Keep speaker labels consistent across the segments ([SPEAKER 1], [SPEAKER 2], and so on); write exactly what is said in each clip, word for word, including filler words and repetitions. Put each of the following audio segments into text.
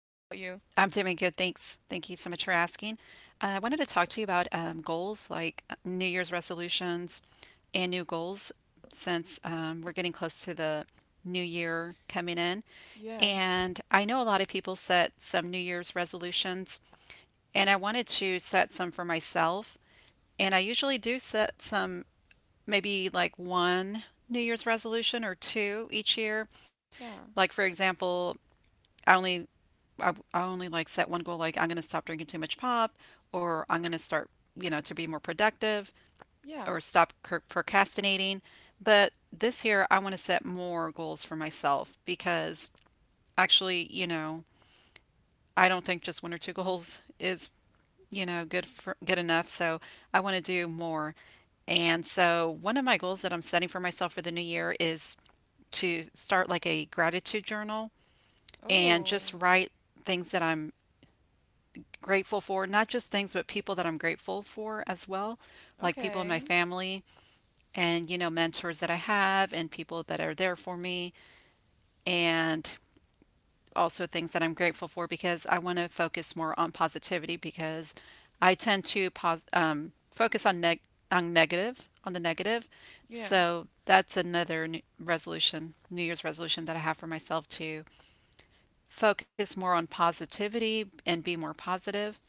[SPEAKER 1] I'm doing good, thanks. Thank you so much for asking. Uh, I wanted to talk to you about um, goals like uh, New Year's resolutions and new goals since um, we're getting close to the new year coming in. And I know a lot of people set some New Year's resolutions, and I wanted to set some for myself. And I usually do set some, maybe like one New Year's resolution or two each year. Like, for example, I only I, I only like set one goal like I'm going to stop drinking too much pop or I'm going to start, you know, to be more productive or stop cur- procrastinating. But this year I want to set more goals for myself because actually, you know, I don't think just one or two goals is, you know, good for good enough. So I want to do more. And so one of my goals that I'm setting for myself for the new year is to start like a gratitude journal and just write things that I'm grateful for, not just things, but people that I'm grateful for as well, like people in my family and, you know, mentors that I have and people that are there for me and also things that I'm grateful for because I want to focus more on positivity because I tend to pos- um, focus on neg- on negative on the negative. So that's another n- resolution, New Year's resolution that I have for myself to focus more on positivity and be more positive.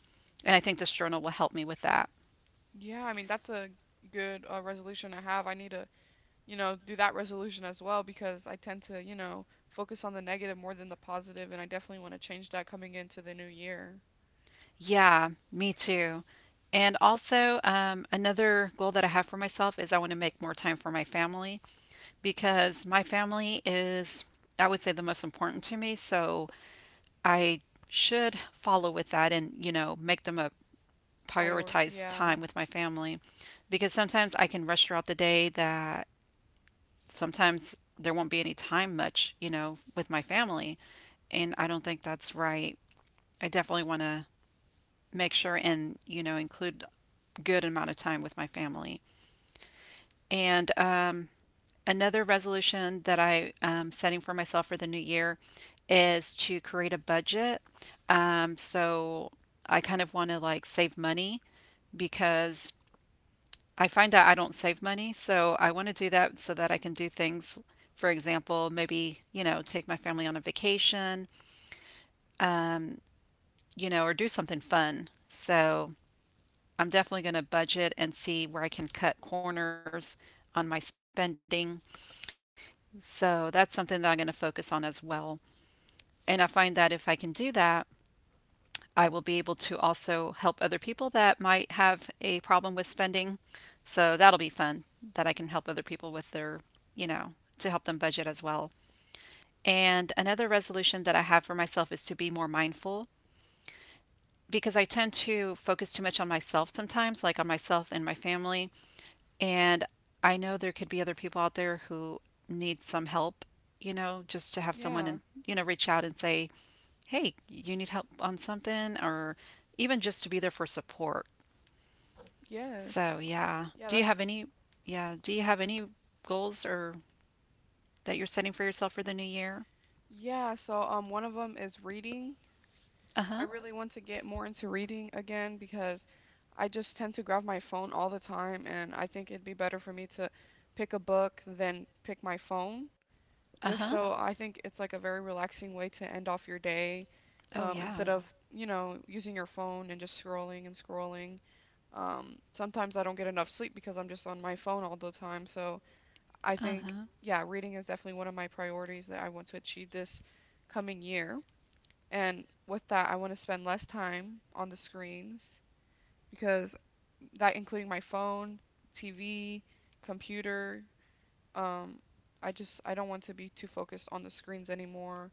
[SPEAKER 1] And I think this journal will help me with that. Yeah, me too. And also, um, another goal that I have for myself is I want to make more time for my family because my family is, I would say, the most important to me. So I should follow with that and, you know, make them a prioritized time with my family because sometimes I can rush throughout the day that sometimes there won't be any time much, you know, with my family. And I don't think that's right. I definitely want to make sure and you know include a good amount of time with my family. And um, another resolution that I am setting for myself for the new year is to create a budget. Um, so I kind of want to like save money because I find that I don't save money. So I want to do that so that I can do things, for example, maybe, you know, take my family on a vacation, you know, or do something fun. So I'm definitely going to budget and see where I can cut corners on my spending. So that's something that I'm going to focus on as well. And I find that if I can do that, I will be able to also help other people that might have a problem with spending. So that'll be fun that I can help other people with their, you know, to help them budget as well. And another resolution that I have for myself is to be more mindful, because I tend to focus too much on myself sometimes, like on myself and my family. And I know there could be other people out there who need some help, you know, just to have someone
[SPEAKER 2] Yeah.
[SPEAKER 1] and, you know, reach out and say, hey, you need help on something, or even just to be there for support.
[SPEAKER 2] Yes.
[SPEAKER 1] So, yeah.
[SPEAKER 2] Yeah,
[SPEAKER 1] Do you have
[SPEAKER 2] that's
[SPEAKER 1] any, yeah, do you have any goals or that you're setting for yourself for the new year?
[SPEAKER 2] yeah, so um one of them is reading.
[SPEAKER 1] Uh
[SPEAKER 2] I
[SPEAKER 1] huh.
[SPEAKER 2] really want to get more into reading again because I just tend to grab my phone all the time, and I think it'd be better for me to pick a book than pick my phone.
[SPEAKER 1] Uh
[SPEAKER 2] Just
[SPEAKER 1] huh.
[SPEAKER 2] so Okay. I think it's like a very relaxing way to end off your day
[SPEAKER 1] Oh,
[SPEAKER 2] um instead
[SPEAKER 1] yeah.
[SPEAKER 2] hmm of, you know, using your phone and just scrolling and scrolling. Um sometimes I don't get enough sleep because I'm just on my phone all the time. So I
[SPEAKER 1] Uh
[SPEAKER 2] think,
[SPEAKER 1] huh.
[SPEAKER 2] yeah, reading is definitely one of my priorities that I want to achieve this coming year. And with that, I want to spend less time on the screens because that including my phone, T V, computer, um, I just I don't want to be too focused on the screens anymore.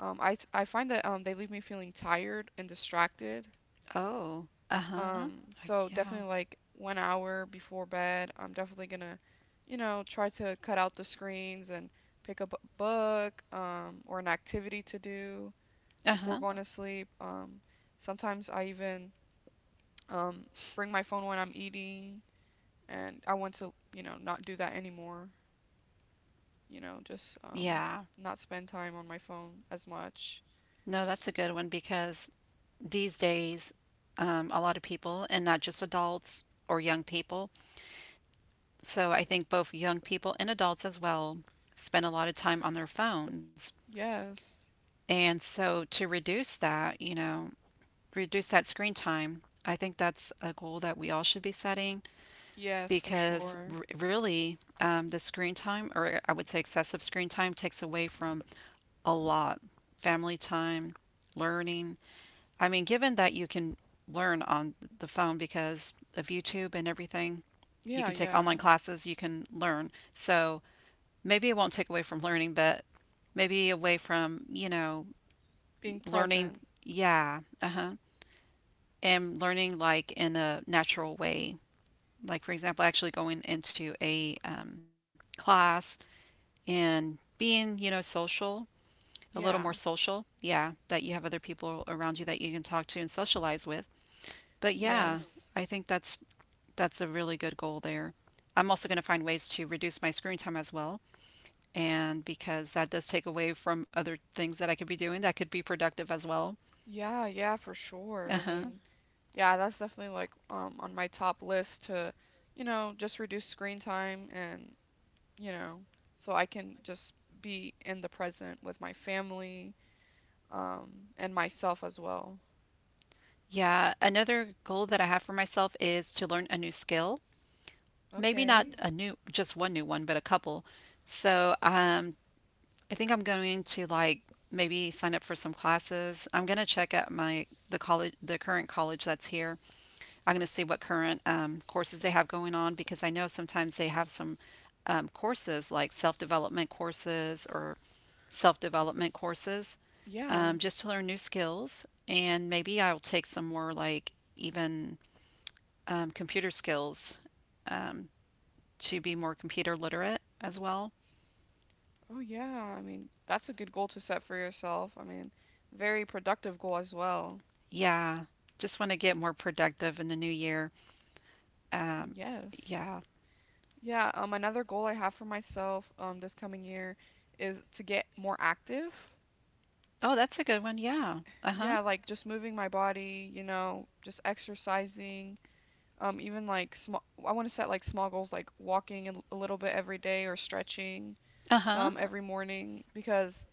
[SPEAKER 2] Um, I I find that um, they leave me feeling tired and distracted,
[SPEAKER 1] Oh. Uh huh.
[SPEAKER 2] um, so
[SPEAKER 1] Yeah.
[SPEAKER 2] definitely like one hour before bed, I'm definitely gonna, you know, try to cut out the screens and pick up a book, um, or an activity to do
[SPEAKER 1] Uh
[SPEAKER 2] before
[SPEAKER 1] huh.
[SPEAKER 2] going Uh-huh. to sleep. Um, Sometimes I even um bring my phone when I'm eating, and I want to, you know, not do that anymore. You know, just um Yeah.
[SPEAKER 1] Yeah.
[SPEAKER 2] not spend time on my phone as much.
[SPEAKER 1] No, that's a good one because these days, um, a lot of people, and not just adults or young people, so I think both young people and adults as well, spend a lot of time on their phones.
[SPEAKER 2] Yes.
[SPEAKER 1] And so to reduce that, you know, reduce that screen time, I think that's a goal that we all should be setting,
[SPEAKER 2] Yes, for Okay.
[SPEAKER 1] because
[SPEAKER 2] sure.
[SPEAKER 1] r- really um, the screen time, or I would say excessive screen time, takes away from a lot family time, learning. I mean, given that you can learn on the phone because of YouTube and everything, you
[SPEAKER 2] Yeah,
[SPEAKER 1] can take
[SPEAKER 2] yeah.
[SPEAKER 1] online
[SPEAKER 2] Oh,
[SPEAKER 1] classes, you can learn. So maybe it won't take away from learning, but maybe away from, you know,
[SPEAKER 2] Being mm,
[SPEAKER 1] learning,
[SPEAKER 2] present.
[SPEAKER 1] yeah, uh huh, and learning like in a natural way, like for example actually going into a um, class and being you know social, a little more
[SPEAKER 2] Yeah. Mm.
[SPEAKER 1] social, yeah, that you have other people around you that you can talk to and socialize with. But yeah,
[SPEAKER 2] Yes.
[SPEAKER 1] I think that's that's a really good goal there. I'm also going to find ways to reduce my screen time as well, and because that does take away from other things that I could be doing that could be productive as well.
[SPEAKER 2] Yeah, yeah, for sure. I mean,
[SPEAKER 1] Uh-huh.
[SPEAKER 2] Mhm. yeah, that's definitely like um on my top list to, you know, just reduce screen time and, you know, so I can just be in the present with my family, um, and myself as well.
[SPEAKER 1] Yeah, another goal that I have for myself is to learn a new skill, maybe not
[SPEAKER 2] Okay.
[SPEAKER 1] a new just one new one but a couple. So um I think I'm going to like maybe sign up for some classes. I'm going to check out my the college, the current college that's here. I'm going to see what current um, courses they have going on because I know sometimes they have some um, courses like self-development courses or self-development courses,
[SPEAKER 2] Yeah.
[SPEAKER 1] um, just to learn new skills, and maybe I'll take some more like even um, computer skills, um, to be more computer literate as well.
[SPEAKER 2] Oh yeah. I mean, that's a good goal to set for yourself. I mean, very productive goal as well.
[SPEAKER 1] Yeah, just want to get more productive in the new year. Um,
[SPEAKER 2] Yes.
[SPEAKER 1] yeah.
[SPEAKER 2] Yeah, um another goal I have for myself um this coming year is to get more active.
[SPEAKER 1] Oh, that's a good one. Yeah. Uh-huh.
[SPEAKER 2] Yeah, like just moving my body, you know, just exercising. Um, even like small, I want to set like small goals, like walking a a little bit every day, or stretching
[SPEAKER 1] Uh-huh.
[SPEAKER 2] um, every morning because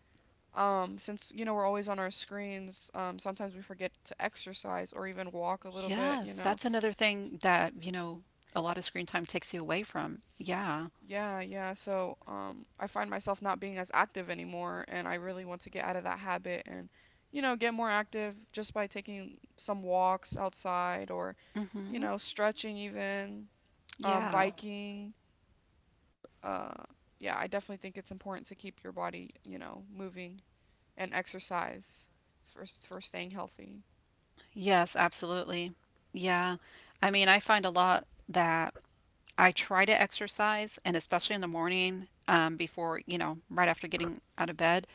[SPEAKER 2] um, since you know we're always on our screens, um, sometimes we forget to exercise or even walk a little bit, you
[SPEAKER 1] Yes,
[SPEAKER 2] know.
[SPEAKER 1] that's another thing that, you know, a lot of screen time takes you away from. Yeah.
[SPEAKER 2] Yeah, yeah. So, um, I find myself not being as active anymore, and I really want to get out of that habit and, you know, get more active just by taking some walks outside, or, you
[SPEAKER 1] Mm-hmm.
[SPEAKER 2] know, stretching even, um, Yeah.
[SPEAKER 1] Yeah.
[SPEAKER 2] biking. Uh, yeah, I definitely think it's important to keep your body, you know, moving and exercise for s- for staying healthy.
[SPEAKER 1] Yes, absolutely. Yeah. I mean, I find a lot that I try to exercise, and especially in the morning, um, before, you know, right after getting out of bed.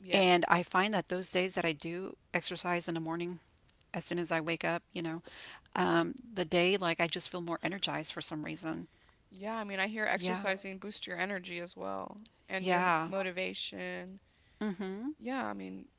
[SPEAKER 2] Yes.
[SPEAKER 1] And I find that those days that I do exercise in the morning, as soon as I wake up, you know, um, the day, like I just feel more energized for some reason.
[SPEAKER 2] Yeah, I mean, I hear Yeah.
[SPEAKER 1] Yeah,
[SPEAKER 2] exercising boosts your energy as well and your Yeah.
[SPEAKER 1] yeah.
[SPEAKER 2] motivation.
[SPEAKER 1] Mm-hmm.
[SPEAKER 2] Yeah, I mean,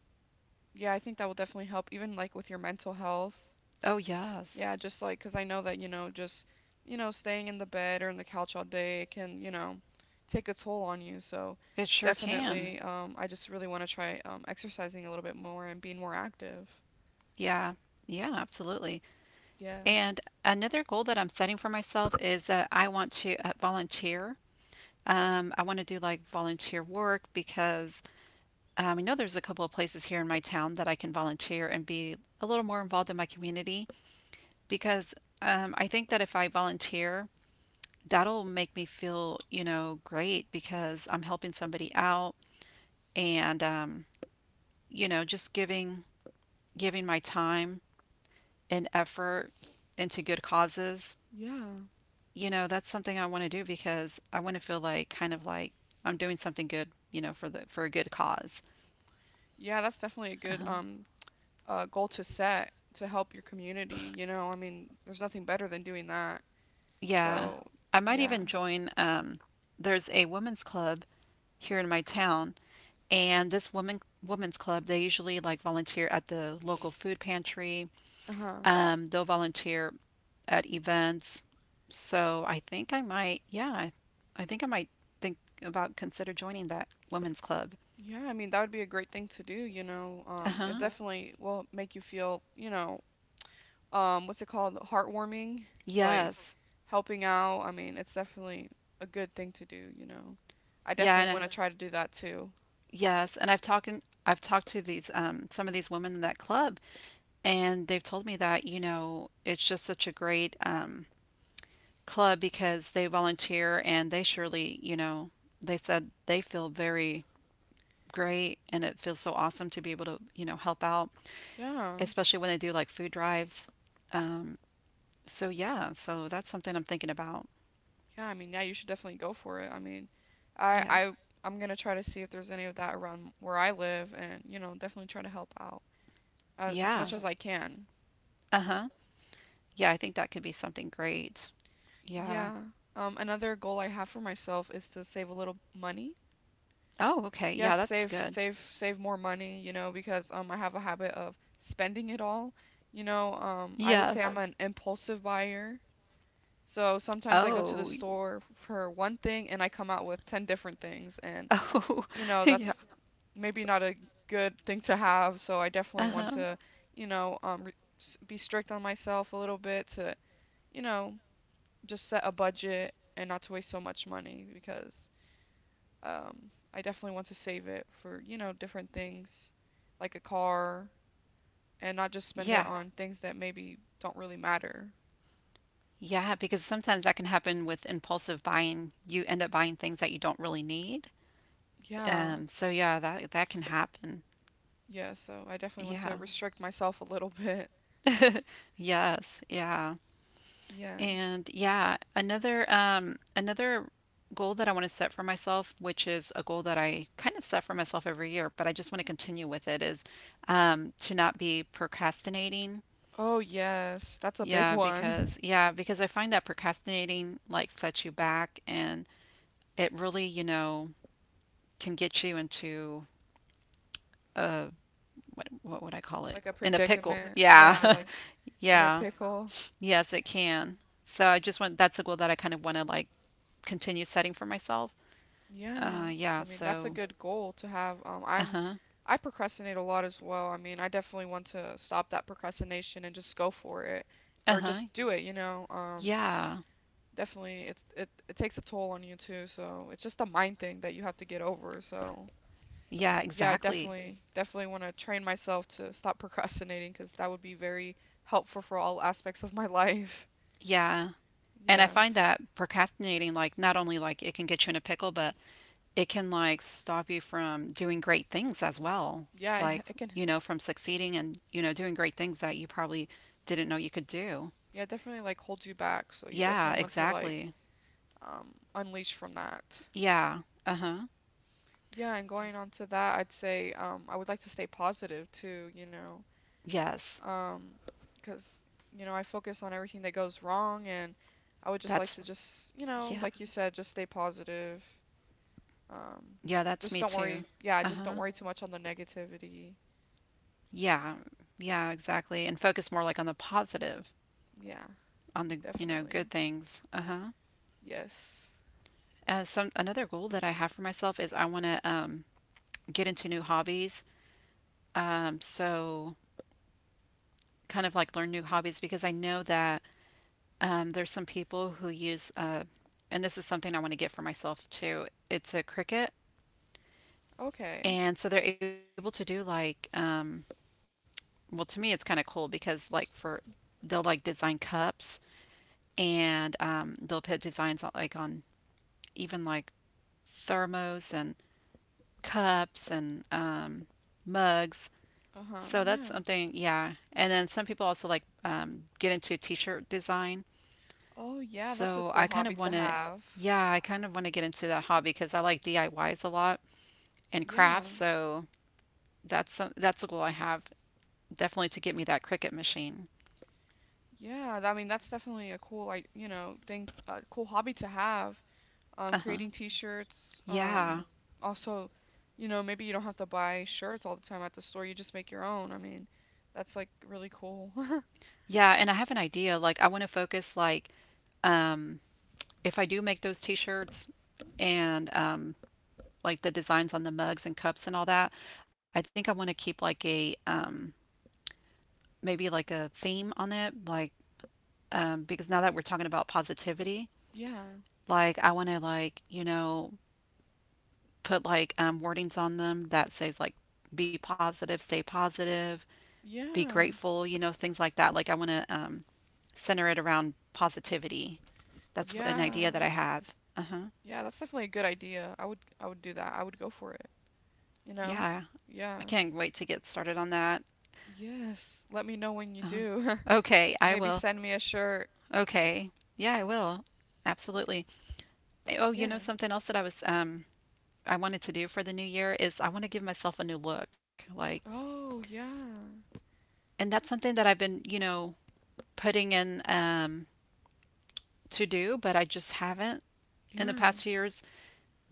[SPEAKER 2] Yeah, I think that will definitely help, even like with your mental health.
[SPEAKER 1] Oh, yes.
[SPEAKER 2] Yeah, just like, because I know that, you know, just, you know, staying in the bed or in the couch all day can, you know, take a toll on you. So
[SPEAKER 1] It sure can.
[SPEAKER 2] definitely, um, I just really want to try um, exercising a little bit more and being more active.
[SPEAKER 1] Yeah, yeah, absolutely.
[SPEAKER 2] Yeah,
[SPEAKER 1] And another goal that I'm setting for myself is that I want to uh, volunteer. Um, I want to do like volunteer work because um, I know there's a couple of places here in my town that I can volunteer and be a little more involved in my community, because um, I think that if I volunteer, that'll make me feel, you know, great because I'm helping somebody out and um, you know, just giving giving my time and effort into good causes.
[SPEAKER 2] yeah,
[SPEAKER 1] You know, that's something I want to do because I want to feel like kind of like I'm doing something good, you know, for the for a good cause.
[SPEAKER 2] yeah, that's definitely a good um, uh, goal to set to help your community. You know, I mean, there's nothing better than doing that.
[SPEAKER 1] Yeah.
[SPEAKER 2] So,
[SPEAKER 1] I might
[SPEAKER 2] yeah.
[SPEAKER 1] even join um there's a women's club here in my town, and this woman women's club, they usually like volunteer at the local food pantry.
[SPEAKER 2] Uh-huh.
[SPEAKER 1] Um, they'll volunteer at events. So I think I might yeah I think I might think about consider joining that women's club.
[SPEAKER 2] Yeah, I mean that would be a great thing to do, you know. Um, it uh
[SPEAKER 1] Uh-huh.
[SPEAKER 2] definitely will make you feel, you know, um, what's it called? Heartwarming, like Mm.
[SPEAKER 1] Yes.
[SPEAKER 2] helping out. I mean, it's definitely a good thing to do, you know. I
[SPEAKER 1] Yeah and,
[SPEAKER 2] definitely want
[SPEAKER 1] uh,
[SPEAKER 2] to Yeah. try to do that too.
[SPEAKER 1] yes. And i've talked I've talked to these um some of these women in that club, and they've told me that, you know, it's just such a great um club because they volunteer and they surely, you know, they said they feel very great, and it feels so awesome to be able to, you know, help out,
[SPEAKER 2] Yeah.
[SPEAKER 1] especially when they do like food drives, um, so yeah, so that's something I'm thinking about.
[SPEAKER 2] Yeah, I mean, yeah, you should definitely go for it. I mean, I
[SPEAKER 1] Yeah.
[SPEAKER 2] I I'm gonna try to see if there's any of that around where I live, and, you know, definitely try to help out as, as
[SPEAKER 1] Yeah.
[SPEAKER 2] much as Yeah. I can.
[SPEAKER 1] Uh-huh. Yeah, I think that could be something great. Yeah.
[SPEAKER 2] Yeah. Um, another goal I have for myself is to save a little money.
[SPEAKER 1] Oh, okay, yeah,
[SPEAKER 2] Yes,
[SPEAKER 1] that's
[SPEAKER 2] save
[SPEAKER 1] good.
[SPEAKER 2] save save more money, you know, because um I have a habit of spending it all. You know, um I
[SPEAKER 1] Yes.
[SPEAKER 2] would say I'm Yeah. an impulsive buyer. So sometimes I go to
[SPEAKER 1] oh
[SPEAKER 2] the uh
[SPEAKER 1] y-
[SPEAKER 2] store for one thing and I come out with ten different things, and
[SPEAKER 1] oh
[SPEAKER 2] you know,
[SPEAKER 1] yeah.
[SPEAKER 2] that's maybe not a good thing to have, so I definitely want
[SPEAKER 1] Uh-huh.
[SPEAKER 2] to, you know, um re s- be strict on myself a little bit to, you know, just set a budget and not to waste so much money because um, I definitely want to save it for, you know, different things like a car, and not just spend it
[SPEAKER 1] Yeah.
[SPEAKER 2] on things that maybe don't really matter.
[SPEAKER 1] Yeah, because sometimes that can happen with impulsive buying, you end up buying things that you don't really need.
[SPEAKER 2] Yeah.
[SPEAKER 1] um, so yeah, that that can happen.
[SPEAKER 2] Yeah, so I definitely want to
[SPEAKER 1] Yeah.
[SPEAKER 2] restrict myself a little bit.
[SPEAKER 1] Yes, yeah.
[SPEAKER 2] Yes.
[SPEAKER 1] And yeah, another um another goal that I want to set for myself, which is a goal that I kind of set for myself every year, but I just want to continue with it, is um to not be procrastinating.
[SPEAKER 2] Oh, yes. That's a big
[SPEAKER 1] Yeah,
[SPEAKER 2] one.
[SPEAKER 1] because yeah, because I find that procrastinating like sets you back and it really, you know, can get you into what what would I call it?
[SPEAKER 2] Like a
[SPEAKER 1] In a pickle.
[SPEAKER 2] predicament.
[SPEAKER 1] Yeah.
[SPEAKER 2] Yeah, like in a
[SPEAKER 1] Yeah.
[SPEAKER 2] pickle.
[SPEAKER 1] Yes, it can. So I just want that's a goal that I kind of want to like continue setting for myself.
[SPEAKER 2] Yeah,
[SPEAKER 1] Uh
[SPEAKER 2] I
[SPEAKER 1] yeah,
[SPEAKER 2] mean that's a
[SPEAKER 1] so
[SPEAKER 2] good goal to have. Um, I'm
[SPEAKER 1] uh-huh.
[SPEAKER 2] I procrastinate a lot as well. I mean, I definitely want to stop that procrastination and just go for it, or
[SPEAKER 1] Uh-huh.
[SPEAKER 2] just do it, you know. Um,
[SPEAKER 1] Yeah.
[SPEAKER 2] definitely it's it it takes a toll on you too, so it's just a mind thing that you have to get over. So,
[SPEAKER 1] Yeah,
[SPEAKER 2] yeah, I
[SPEAKER 1] exactly.
[SPEAKER 2] definitely definitely want to train myself to stop procrastinating because that would be very helpful for all aspects of my life.
[SPEAKER 1] Yeah. And I find
[SPEAKER 2] Yes.
[SPEAKER 1] that procrastinating like not only like it can get you in a pickle, but it can like stop you from doing great things as well.
[SPEAKER 2] Yeah, it,
[SPEAKER 1] Like,
[SPEAKER 2] it can
[SPEAKER 1] you know, from succeeding and, you know, doing great things that you probably didn't know you could do.
[SPEAKER 2] yeah, definitely like hold you back, so you
[SPEAKER 1] Yeah,
[SPEAKER 2] definitely want to like
[SPEAKER 1] exactly.
[SPEAKER 2] um, unleash from that.
[SPEAKER 1] Yeah. Uh-huh.
[SPEAKER 2] Yeah, and going on to that, I'd say um, I would like to stay positive too, you know,
[SPEAKER 1] Yes.
[SPEAKER 2] um, because, um, you know, I focus on everything that goes wrong, and I would just like
[SPEAKER 1] That's
[SPEAKER 2] to just, you know,
[SPEAKER 1] yeah.
[SPEAKER 2] like you said, just stay positive. Um,
[SPEAKER 1] Yeah, that's
[SPEAKER 2] just
[SPEAKER 1] me
[SPEAKER 2] don't
[SPEAKER 1] too.
[SPEAKER 2] worry. Yeah, just don't
[SPEAKER 1] Uh-huh.
[SPEAKER 2] worry too much on the negativity.
[SPEAKER 1] Yeah. Yeah, exactly. And focus more like on the positive,
[SPEAKER 2] Yeah,
[SPEAKER 1] on the, you know,
[SPEAKER 2] definitely.
[SPEAKER 1] good things. Uh-huh.
[SPEAKER 2] Yes.
[SPEAKER 1] Uh, some another goal that I have for myself is I want to um get into new hobbies. Um, so kind of like learn new hobbies because I know that um there's some people who use uh and this is something I want to get for myself too. It's a cricket.
[SPEAKER 2] Okay.
[SPEAKER 1] And so they're able to do like um well, to me it's kind of cool because like for they'll like design cups and um, they'll put designs on, like on even like thermos and cups and um, mugs.
[SPEAKER 2] Uh-huh.
[SPEAKER 1] So that's
[SPEAKER 2] Yeah.
[SPEAKER 1] something, yeah. And then some people also like um, get into t-shirt design.
[SPEAKER 2] Oh, yeah, that's a
[SPEAKER 1] So I
[SPEAKER 2] cool
[SPEAKER 1] kind
[SPEAKER 2] hobby
[SPEAKER 1] of want
[SPEAKER 2] to
[SPEAKER 1] to,
[SPEAKER 2] have.
[SPEAKER 1] yeah, I kind of want to get into that hobby because I like D I Ys a lot and
[SPEAKER 2] Yeah.
[SPEAKER 1] crafts. So that's some, that's a goal I have definitely to get me that Cricut machine.
[SPEAKER 2] Yeah, th- I mean that's definitely a cool like, you know, thing a cool hobby to have. Um
[SPEAKER 1] Uh-huh.
[SPEAKER 2] creating t-shirts,
[SPEAKER 1] Yeah,
[SPEAKER 2] um also, you know, maybe you don't have to buy shirts all the time at the store, you just make your own. I mean, that's like really cool.
[SPEAKER 1] Yeah, and I have an idea. Like I want to focus like um, if I do make those t-shirts and um, like the designs on the mugs and cups and all that, I think I want to keep like a um, maybe like a theme on it, like um, because now that we're talking about positivity,
[SPEAKER 2] Yeah.
[SPEAKER 1] like I want to like you know put like um, wordings on them that says like be positive, stay positive, be
[SPEAKER 2] Yeah.
[SPEAKER 1] grateful, you know, things like that. Like I want to um, center it around positivity. That's an
[SPEAKER 2] Yeah.
[SPEAKER 1] idea that I have. Uh huh.
[SPEAKER 2] Yeah, that's definitely a good idea. I would I would do that. I would go for it, you know?
[SPEAKER 1] Yeah. I
[SPEAKER 2] Yeah.
[SPEAKER 1] can't wait to get started on that.
[SPEAKER 2] Yes. Let me know when you
[SPEAKER 1] Uh-huh.
[SPEAKER 2] do.
[SPEAKER 1] Okay, I
[SPEAKER 2] Maybe
[SPEAKER 1] will.
[SPEAKER 2] send me a shirt.
[SPEAKER 1] Okay. Yeah, I will. Absolutely. Eh, oh, you
[SPEAKER 2] Yeah.
[SPEAKER 1] know something else that I was um I wanted to do for the new year is I want to give myself a new look. Like,
[SPEAKER 2] Oh, yeah.
[SPEAKER 1] and that's something that I've been, you know, putting in um to do, but I just haven't in the
[SPEAKER 2] Yeah.
[SPEAKER 1] past years.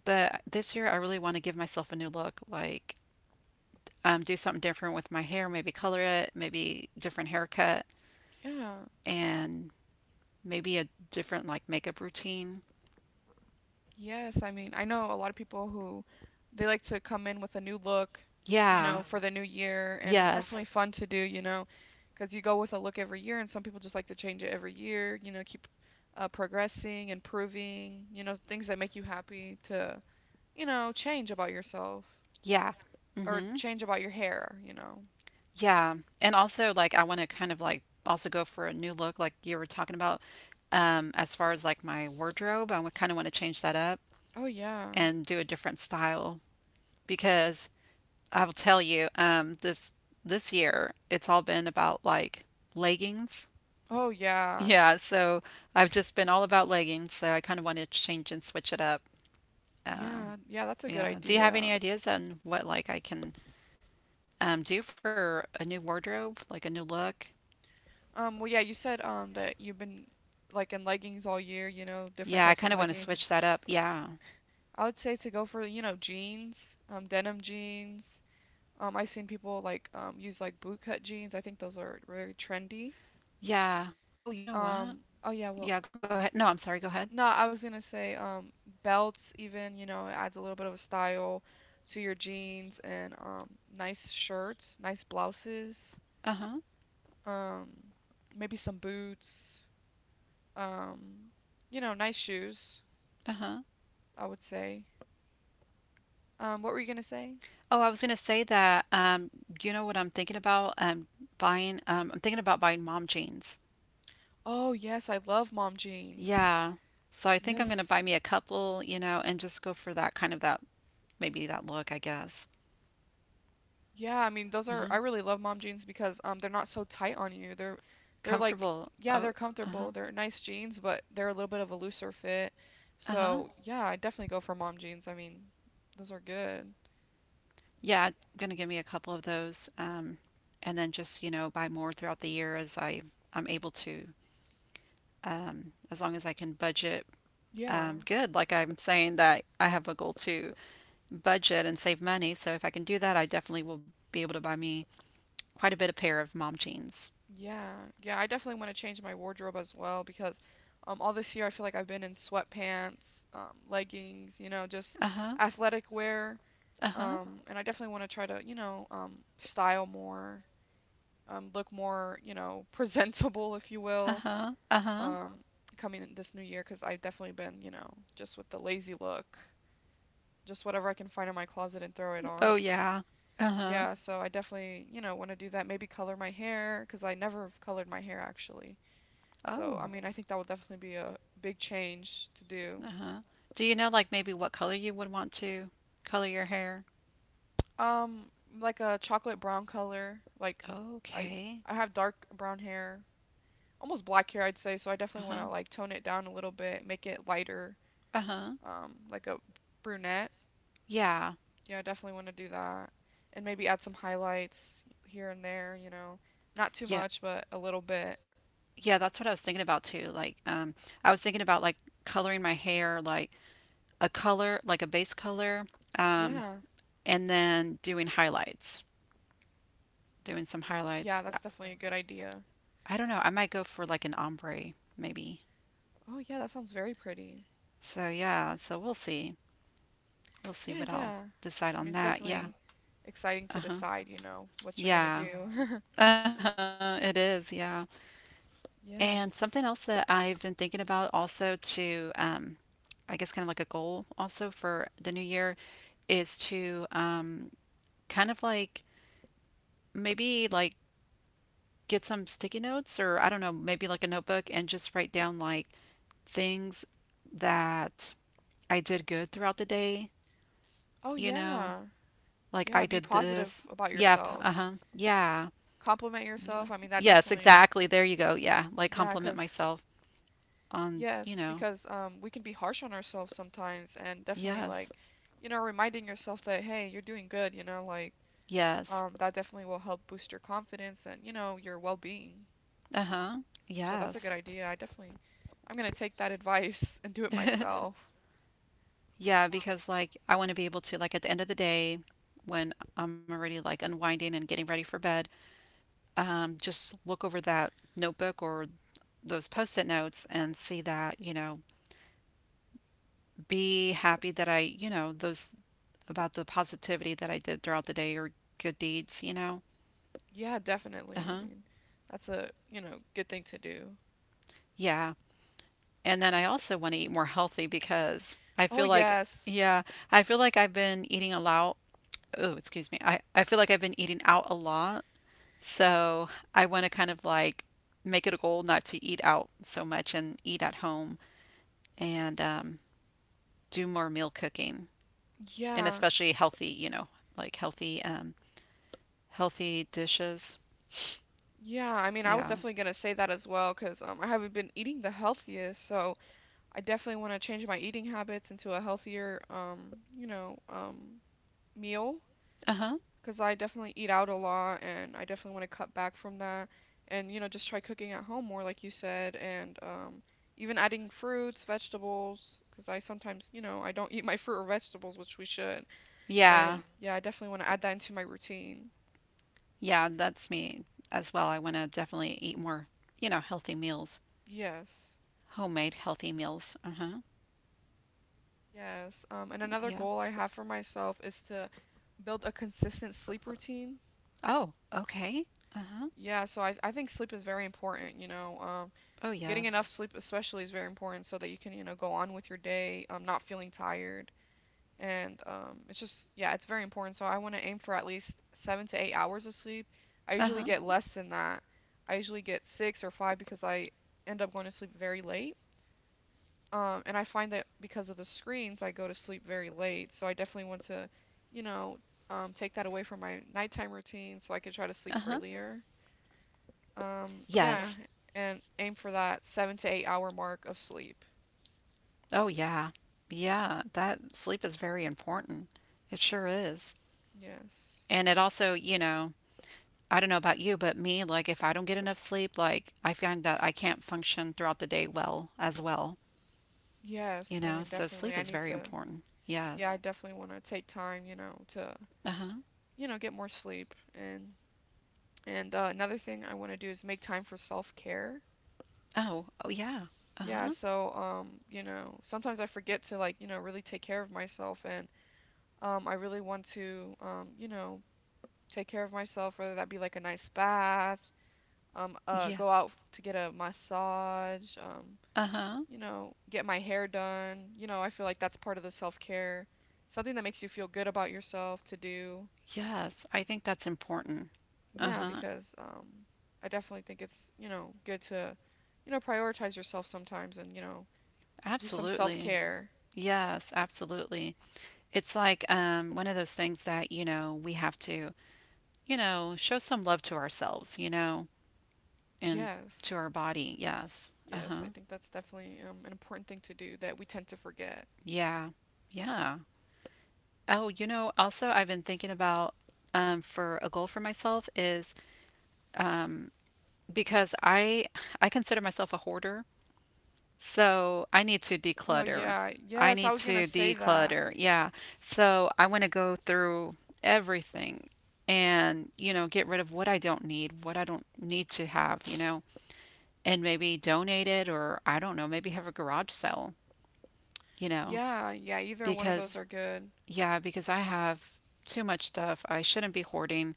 [SPEAKER 1] But this year I really want to give myself a new look, like um do something different with my hair, maybe color it, maybe different haircut,
[SPEAKER 2] Yeah.
[SPEAKER 1] and maybe a different like makeup routine.
[SPEAKER 2] Yes, I mean, I know a lot of people who they like to come in with a new look, you
[SPEAKER 1] Yeah.
[SPEAKER 2] know, for the new year, and it's
[SPEAKER 1] Yes.
[SPEAKER 2] definitely fun to do, you know, because you go with a look every year, and some people just like to change it every year, you know, keep uh, progressing, improving, you know, things that make you happy to, you know, change about yourself,
[SPEAKER 1] Yeah.
[SPEAKER 2] or
[SPEAKER 1] Hmm.
[SPEAKER 2] change about your hair, you know.
[SPEAKER 1] Yeah. And also, like, I want to kind of like also go for a new look, like you were talking about. Um, as far as like my wardrobe, I kind of want to change that up
[SPEAKER 2] Oh, yeah.
[SPEAKER 1] and do a different style because I will tell you, um, this this year it's all been about like leggings.
[SPEAKER 2] Oh, yeah.
[SPEAKER 1] Yeah, so I've just been all about leggings, so I kind of want to change and switch it up. Um,
[SPEAKER 2] Yeah, yeah, that's a good
[SPEAKER 1] yeah. Do you have any
[SPEAKER 2] idea.
[SPEAKER 1] ideas on what like I can um, do for a new wardrobe, like a new look?
[SPEAKER 2] Um, well, yeah, you said um that you've been like in leggings all year, you know, different
[SPEAKER 1] Yeah, I
[SPEAKER 2] types of
[SPEAKER 1] kind of want to switch
[SPEAKER 2] leggings.
[SPEAKER 1] that up. Yeah.
[SPEAKER 2] I would say to go for, you know, jeans, um, denim jeans. Um, I've seen people like um, use like bootcut jeans. I think those are very trendy.
[SPEAKER 1] Yeah. Oh, you know
[SPEAKER 2] Um,
[SPEAKER 1] what?
[SPEAKER 2] oh yeah, well,
[SPEAKER 1] Yeah, go ahead. No, I'm sorry. Go ahead.
[SPEAKER 2] no, I was gonna say um, belts even, you know, it adds a little bit of a style to your jeans, and um, nice shirts, nice blouses,
[SPEAKER 1] Uh-huh.
[SPEAKER 2] um, maybe some boots, um, you know, nice shoes,
[SPEAKER 1] Uh-huh.
[SPEAKER 2] I would say. Um, what were you gonna say?
[SPEAKER 1] Oh, I was going to say that um you know what I'm thinking about um buying um I'm thinking about buying mom jeans.
[SPEAKER 2] Oh yes, I love mom jeans.
[SPEAKER 1] Yeah. So I think I'm going to buy
[SPEAKER 2] Yes.
[SPEAKER 1] me a couple, you know, and just go for that kind of that maybe that look, I guess.
[SPEAKER 2] Yeah, I mean those are I
[SPEAKER 1] Uh-huh.
[SPEAKER 2] really love mom jeans because um they're not so tight on you. They're they're like
[SPEAKER 1] Comfortable.
[SPEAKER 2] yeah,
[SPEAKER 1] Oh,
[SPEAKER 2] they're comfortable.
[SPEAKER 1] uh-huh.
[SPEAKER 2] They're nice jeans, but they're a little bit of a looser fit.
[SPEAKER 1] uh-huh.
[SPEAKER 2] So, yeah, I definitely go for mom jeans. I mean, those are good.
[SPEAKER 1] Yeah, I'm going to give me a couple of those um and then just, you know, buy more throughout the year as I I'm able to. Um, as long as I can budget
[SPEAKER 2] Yeah.
[SPEAKER 1] um, good. Like I'm saying that I have a goal to budget and save money. So if I can do that, I definitely will be able to buy me quite a bit of pair of mom jeans.
[SPEAKER 2] Yeah. Yeah, I definitely want to change my wardrobe as well because um all this year I feel like I've been in sweatpants, um leggings, you know, just
[SPEAKER 1] Uh huh.
[SPEAKER 2] athletic wear.
[SPEAKER 1] Uh huh.
[SPEAKER 2] Um and I definitely want to try to, you know, um style more, um, look more, you know, presentable, if you
[SPEAKER 1] Uh
[SPEAKER 2] will,
[SPEAKER 1] huh. Uh huh.
[SPEAKER 2] Uh-huh. um, coming in this new year because I've definitely been, you know, just with the lazy look, just whatever I can find in my closet and throw it on.
[SPEAKER 1] Oh, yeah. Uh huh.
[SPEAKER 2] Yeah, so I definitely, you know, want to do that. Maybe color my hair because I never have colored my hair actually. So,
[SPEAKER 1] Oh.
[SPEAKER 2] I mean, Oh. I think that will definitely be a big change to do.
[SPEAKER 1] Uh huh. Do you know like maybe what color you would want to color your hair?
[SPEAKER 2] Um, like a chocolate brown color. Like I
[SPEAKER 1] Okay.
[SPEAKER 2] I have dark brown hair, almost black hair, I'd say, so I
[SPEAKER 1] Uh
[SPEAKER 2] definitely want
[SPEAKER 1] huh.
[SPEAKER 2] to like tone it down a little bit, make it lighter
[SPEAKER 1] Uh huh.
[SPEAKER 2] um, like a brunette.
[SPEAKER 1] Yeah.
[SPEAKER 2] Yeah, I definitely want to do that. And maybe add some highlights here and there, you know. Not too
[SPEAKER 1] Yeah.
[SPEAKER 2] much, but a little bit.
[SPEAKER 1] Yeah. That's what I was thinking about too. Like um, I was thinking about like coloring my hair like a color, like a base color, um,
[SPEAKER 2] Yeah.
[SPEAKER 1] and then doing highlights, doing some
[SPEAKER 2] Yeah,
[SPEAKER 1] highlights.
[SPEAKER 2] that's
[SPEAKER 1] I,
[SPEAKER 2] definitely a good idea.
[SPEAKER 1] I don't know. I might go for like an ombre, maybe.
[SPEAKER 2] Oh, yeah, that sounds very pretty.
[SPEAKER 1] So yeah. So we'll see. We'll see
[SPEAKER 2] Yeah,
[SPEAKER 1] what I'll
[SPEAKER 2] yeah.
[SPEAKER 1] decide
[SPEAKER 2] I mean,
[SPEAKER 1] on
[SPEAKER 2] it's
[SPEAKER 1] that. Yeah.
[SPEAKER 2] definitely exciting to
[SPEAKER 1] Uh huh.
[SPEAKER 2] decide, you know, what you're gonna
[SPEAKER 1] Yeah.
[SPEAKER 2] do.
[SPEAKER 1] Uh huh. It is. Yeah. And something else that
[SPEAKER 2] Yes.
[SPEAKER 1] I've been thinking about also to, um, I guess, kind of like a goal also for the new year is to um, kind of like maybe like get some sticky notes or I don't know, maybe like a notebook and just write down like things that I did good throughout the day,
[SPEAKER 2] Oh,
[SPEAKER 1] you know,
[SPEAKER 2] yeah.
[SPEAKER 1] like
[SPEAKER 2] Yeah,
[SPEAKER 1] I
[SPEAKER 2] be
[SPEAKER 1] did
[SPEAKER 2] positive
[SPEAKER 1] this.
[SPEAKER 2] about
[SPEAKER 1] Yep,
[SPEAKER 2] yourself.
[SPEAKER 1] uh-huh. Yeah.
[SPEAKER 2] Compliment yourself.
[SPEAKER 1] Like
[SPEAKER 2] I mean, that
[SPEAKER 1] yes,
[SPEAKER 2] definitely,
[SPEAKER 1] exactly. There you go. Yeah, like
[SPEAKER 2] yeah,
[SPEAKER 1] compliment
[SPEAKER 2] cause.
[SPEAKER 1] myself on, you
[SPEAKER 2] Yes,
[SPEAKER 1] know,
[SPEAKER 2] because um, we can be harsh on ourselves sometimes, and definitely like,
[SPEAKER 1] yes.
[SPEAKER 2] you know, reminding yourself that hey, you're doing good, you know, like
[SPEAKER 1] Yes.
[SPEAKER 2] um, that definitely will help boost your confidence and you know your well-being.
[SPEAKER 1] Uh-huh.
[SPEAKER 2] So that's a good
[SPEAKER 1] Yes.
[SPEAKER 2] idea. I definitely, I'm gonna take that advice and do it myself.
[SPEAKER 1] Yeah, because like I want to be able to like at the end of the day when I'm already like unwinding and getting ready for bed, um, just look over that notebook or those post-it notes and see that, you know, be happy that I, you know, those about the positivity that I did throughout the day or good deeds, you know?
[SPEAKER 2] Yeah, definitely. I
[SPEAKER 1] Uh-huh.
[SPEAKER 2] mean, that's a, you know, good thing to do.
[SPEAKER 1] Yeah. And then I also want to eat more healthy because I
[SPEAKER 2] Oh
[SPEAKER 1] feel like,
[SPEAKER 2] yes.
[SPEAKER 1] yeah, I feel like I've been eating a lot. Oh, excuse me. I, I feel like I've been eating out a lot. So I want to kind of like make it a goal not to eat out so much and eat at home and um, do more meal cooking and
[SPEAKER 2] Yeah.
[SPEAKER 1] especially healthy, you know, like healthy um, healthy dishes.
[SPEAKER 2] Yeah, I mean, I was
[SPEAKER 1] Yeah.
[SPEAKER 2] definitely gonna say that as well, 'cause um I haven't been eating the healthiest, so I definitely want to change my eating habits into a healthier, um, you know, um, meal,
[SPEAKER 1] Uh-huh.
[SPEAKER 2] because I definitely eat out a lot and I definitely want to cut back from that and, you know, just try cooking at home more, like you said, and um, even adding fruits, vegetables, because I sometimes, you know, I don't eat my fruit or vegetables, which we should. Yeah. And
[SPEAKER 1] Yeah.
[SPEAKER 2] yeah, yeah, I definitely want to add that into my routine.
[SPEAKER 1] Yeah, that's me as well. I want to definitely eat more, you know, healthy meals,
[SPEAKER 2] Yes.
[SPEAKER 1] homemade healthy meals. Uh-huh.
[SPEAKER 2] Yes. Um, and another
[SPEAKER 1] Yeah.
[SPEAKER 2] goal I have for myself is to build a consistent sleep routine.
[SPEAKER 1] Oh, okay. Uh-huh.
[SPEAKER 2] Yeah, so I, I think sleep is very important, you know. Um,
[SPEAKER 1] Oh,
[SPEAKER 2] getting enough
[SPEAKER 1] yes.
[SPEAKER 2] sleep especially is very important so that you can, you know, go on with your day, um, not feeling tired. And um, it's just, yeah, it's very important. So I want to aim for at least seven to eight hours of sleep. I usually
[SPEAKER 1] Uh-huh.
[SPEAKER 2] get, Mhm, less than that. I usually get six or five because I end up going to sleep very late. Um, and I find that because of the screens, I go to sleep very late. So I definitely want to, you know, um, take that away from my nighttime routine so I can try to
[SPEAKER 1] Uh-huh.
[SPEAKER 2] sleep earlier. Um,
[SPEAKER 1] Yes.
[SPEAKER 2] yeah, and aim for that seven to eight hour mark of sleep.
[SPEAKER 1] Oh, yeah. Yeah, that sleep is very important. It sure is.
[SPEAKER 2] Yes.
[SPEAKER 1] And it also, you know, I don't know about you, but me, like if I don't get enough sleep, like I find that I can't function throughout the day well as well. You
[SPEAKER 2] Yes, I
[SPEAKER 1] know?
[SPEAKER 2] mean
[SPEAKER 1] So
[SPEAKER 2] definitely
[SPEAKER 1] sleep
[SPEAKER 2] I
[SPEAKER 1] is
[SPEAKER 2] need
[SPEAKER 1] very
[SPEAKER 2] to,
[SPEAKER 1] important.
[SPEAKER 2] yeah, I
[SPEAKER 1] Yes.
[SPEAKER 2] definitely want to take time, you know, to
[SPEAKER 1] Uh-huh.
[SPEAKER 2] you know, get more sleep and and uh, another thing I want to do is make time for self-care.
[SPEAKER 1] Oh, oh yeah.
[SPEAKER 2] Yeah,
[SPEAKER 1] Uh-huh.
[SPEAKER 2] so um, you know, sometimes I forget to like, you know, really take care of myself and um I really want to um, you know, take care of myself, whether that be like a nice bath, um uh
[SPEAKER 1] Yeah.
[SPEAKER 2] go out to get a massage, um
[SPEAKER 1] Uh-huh.
[SPEAKER 2] you know, get my hair done. You know, I feel like that's part of the self care, something that makes you feel good about yourself to do.
[SPEAKER 1] Yes, I think that's important.
[SPEAKER 2] Yeah,
[SPEAKER 1] Uh-huh.
[SPEAKER 2] because um, I definitely think it's, you know, good to, you know, prioritize yourself sometimes and, you know, do some self
[SPEAKER 1] Absolutely.
[SPEAKER 2] care.
[SPEAKER 1] Yes, absolutely. It's like um one of those things that, you know, we have to, you know, show some love to ourselves, you know, and to
[SPEAKER 2] Yes.
[SPEAKER 1] our body. Yes.
[SPEAKER 2] Yes,
[SPEAKER 1] Uh-huh.
[SPEAKER 2] I think that's definitely um, an important thing to do that we tend to forget.
[SPEAKER 1] Yeah. Yeah. Oh, you know, also I've been thinking about um for a goal for myself is because I I consider myself a hoarder. So I need to
[SPEAKER 2] Oh,
[SPEAKER 1] declutter.
[SPEAKER 2] yeah.
[SPEAKER 1] I
[SPEAKER 2] Yes, I
[SPEAKER 1] need
[SPEAKER 2] was gonna
[SPEAKER 1] to
[SPEAKER 2] say that.
[SPEAKER 1] declutter. Yeah. So I want to go through everything and, you know, get rid of what I don't need, what I don't need to have, you know, and maybe donate it or I don't know, maybe have a garage sale, you know,
[SPEAKER 2] Yeah, yeah, either one of those
[SPEAKER 1] because
[SPEAKER 2] are good.
[SPEAKER 1] yeah, because I have too much stuff. I shouldn't be hoarding.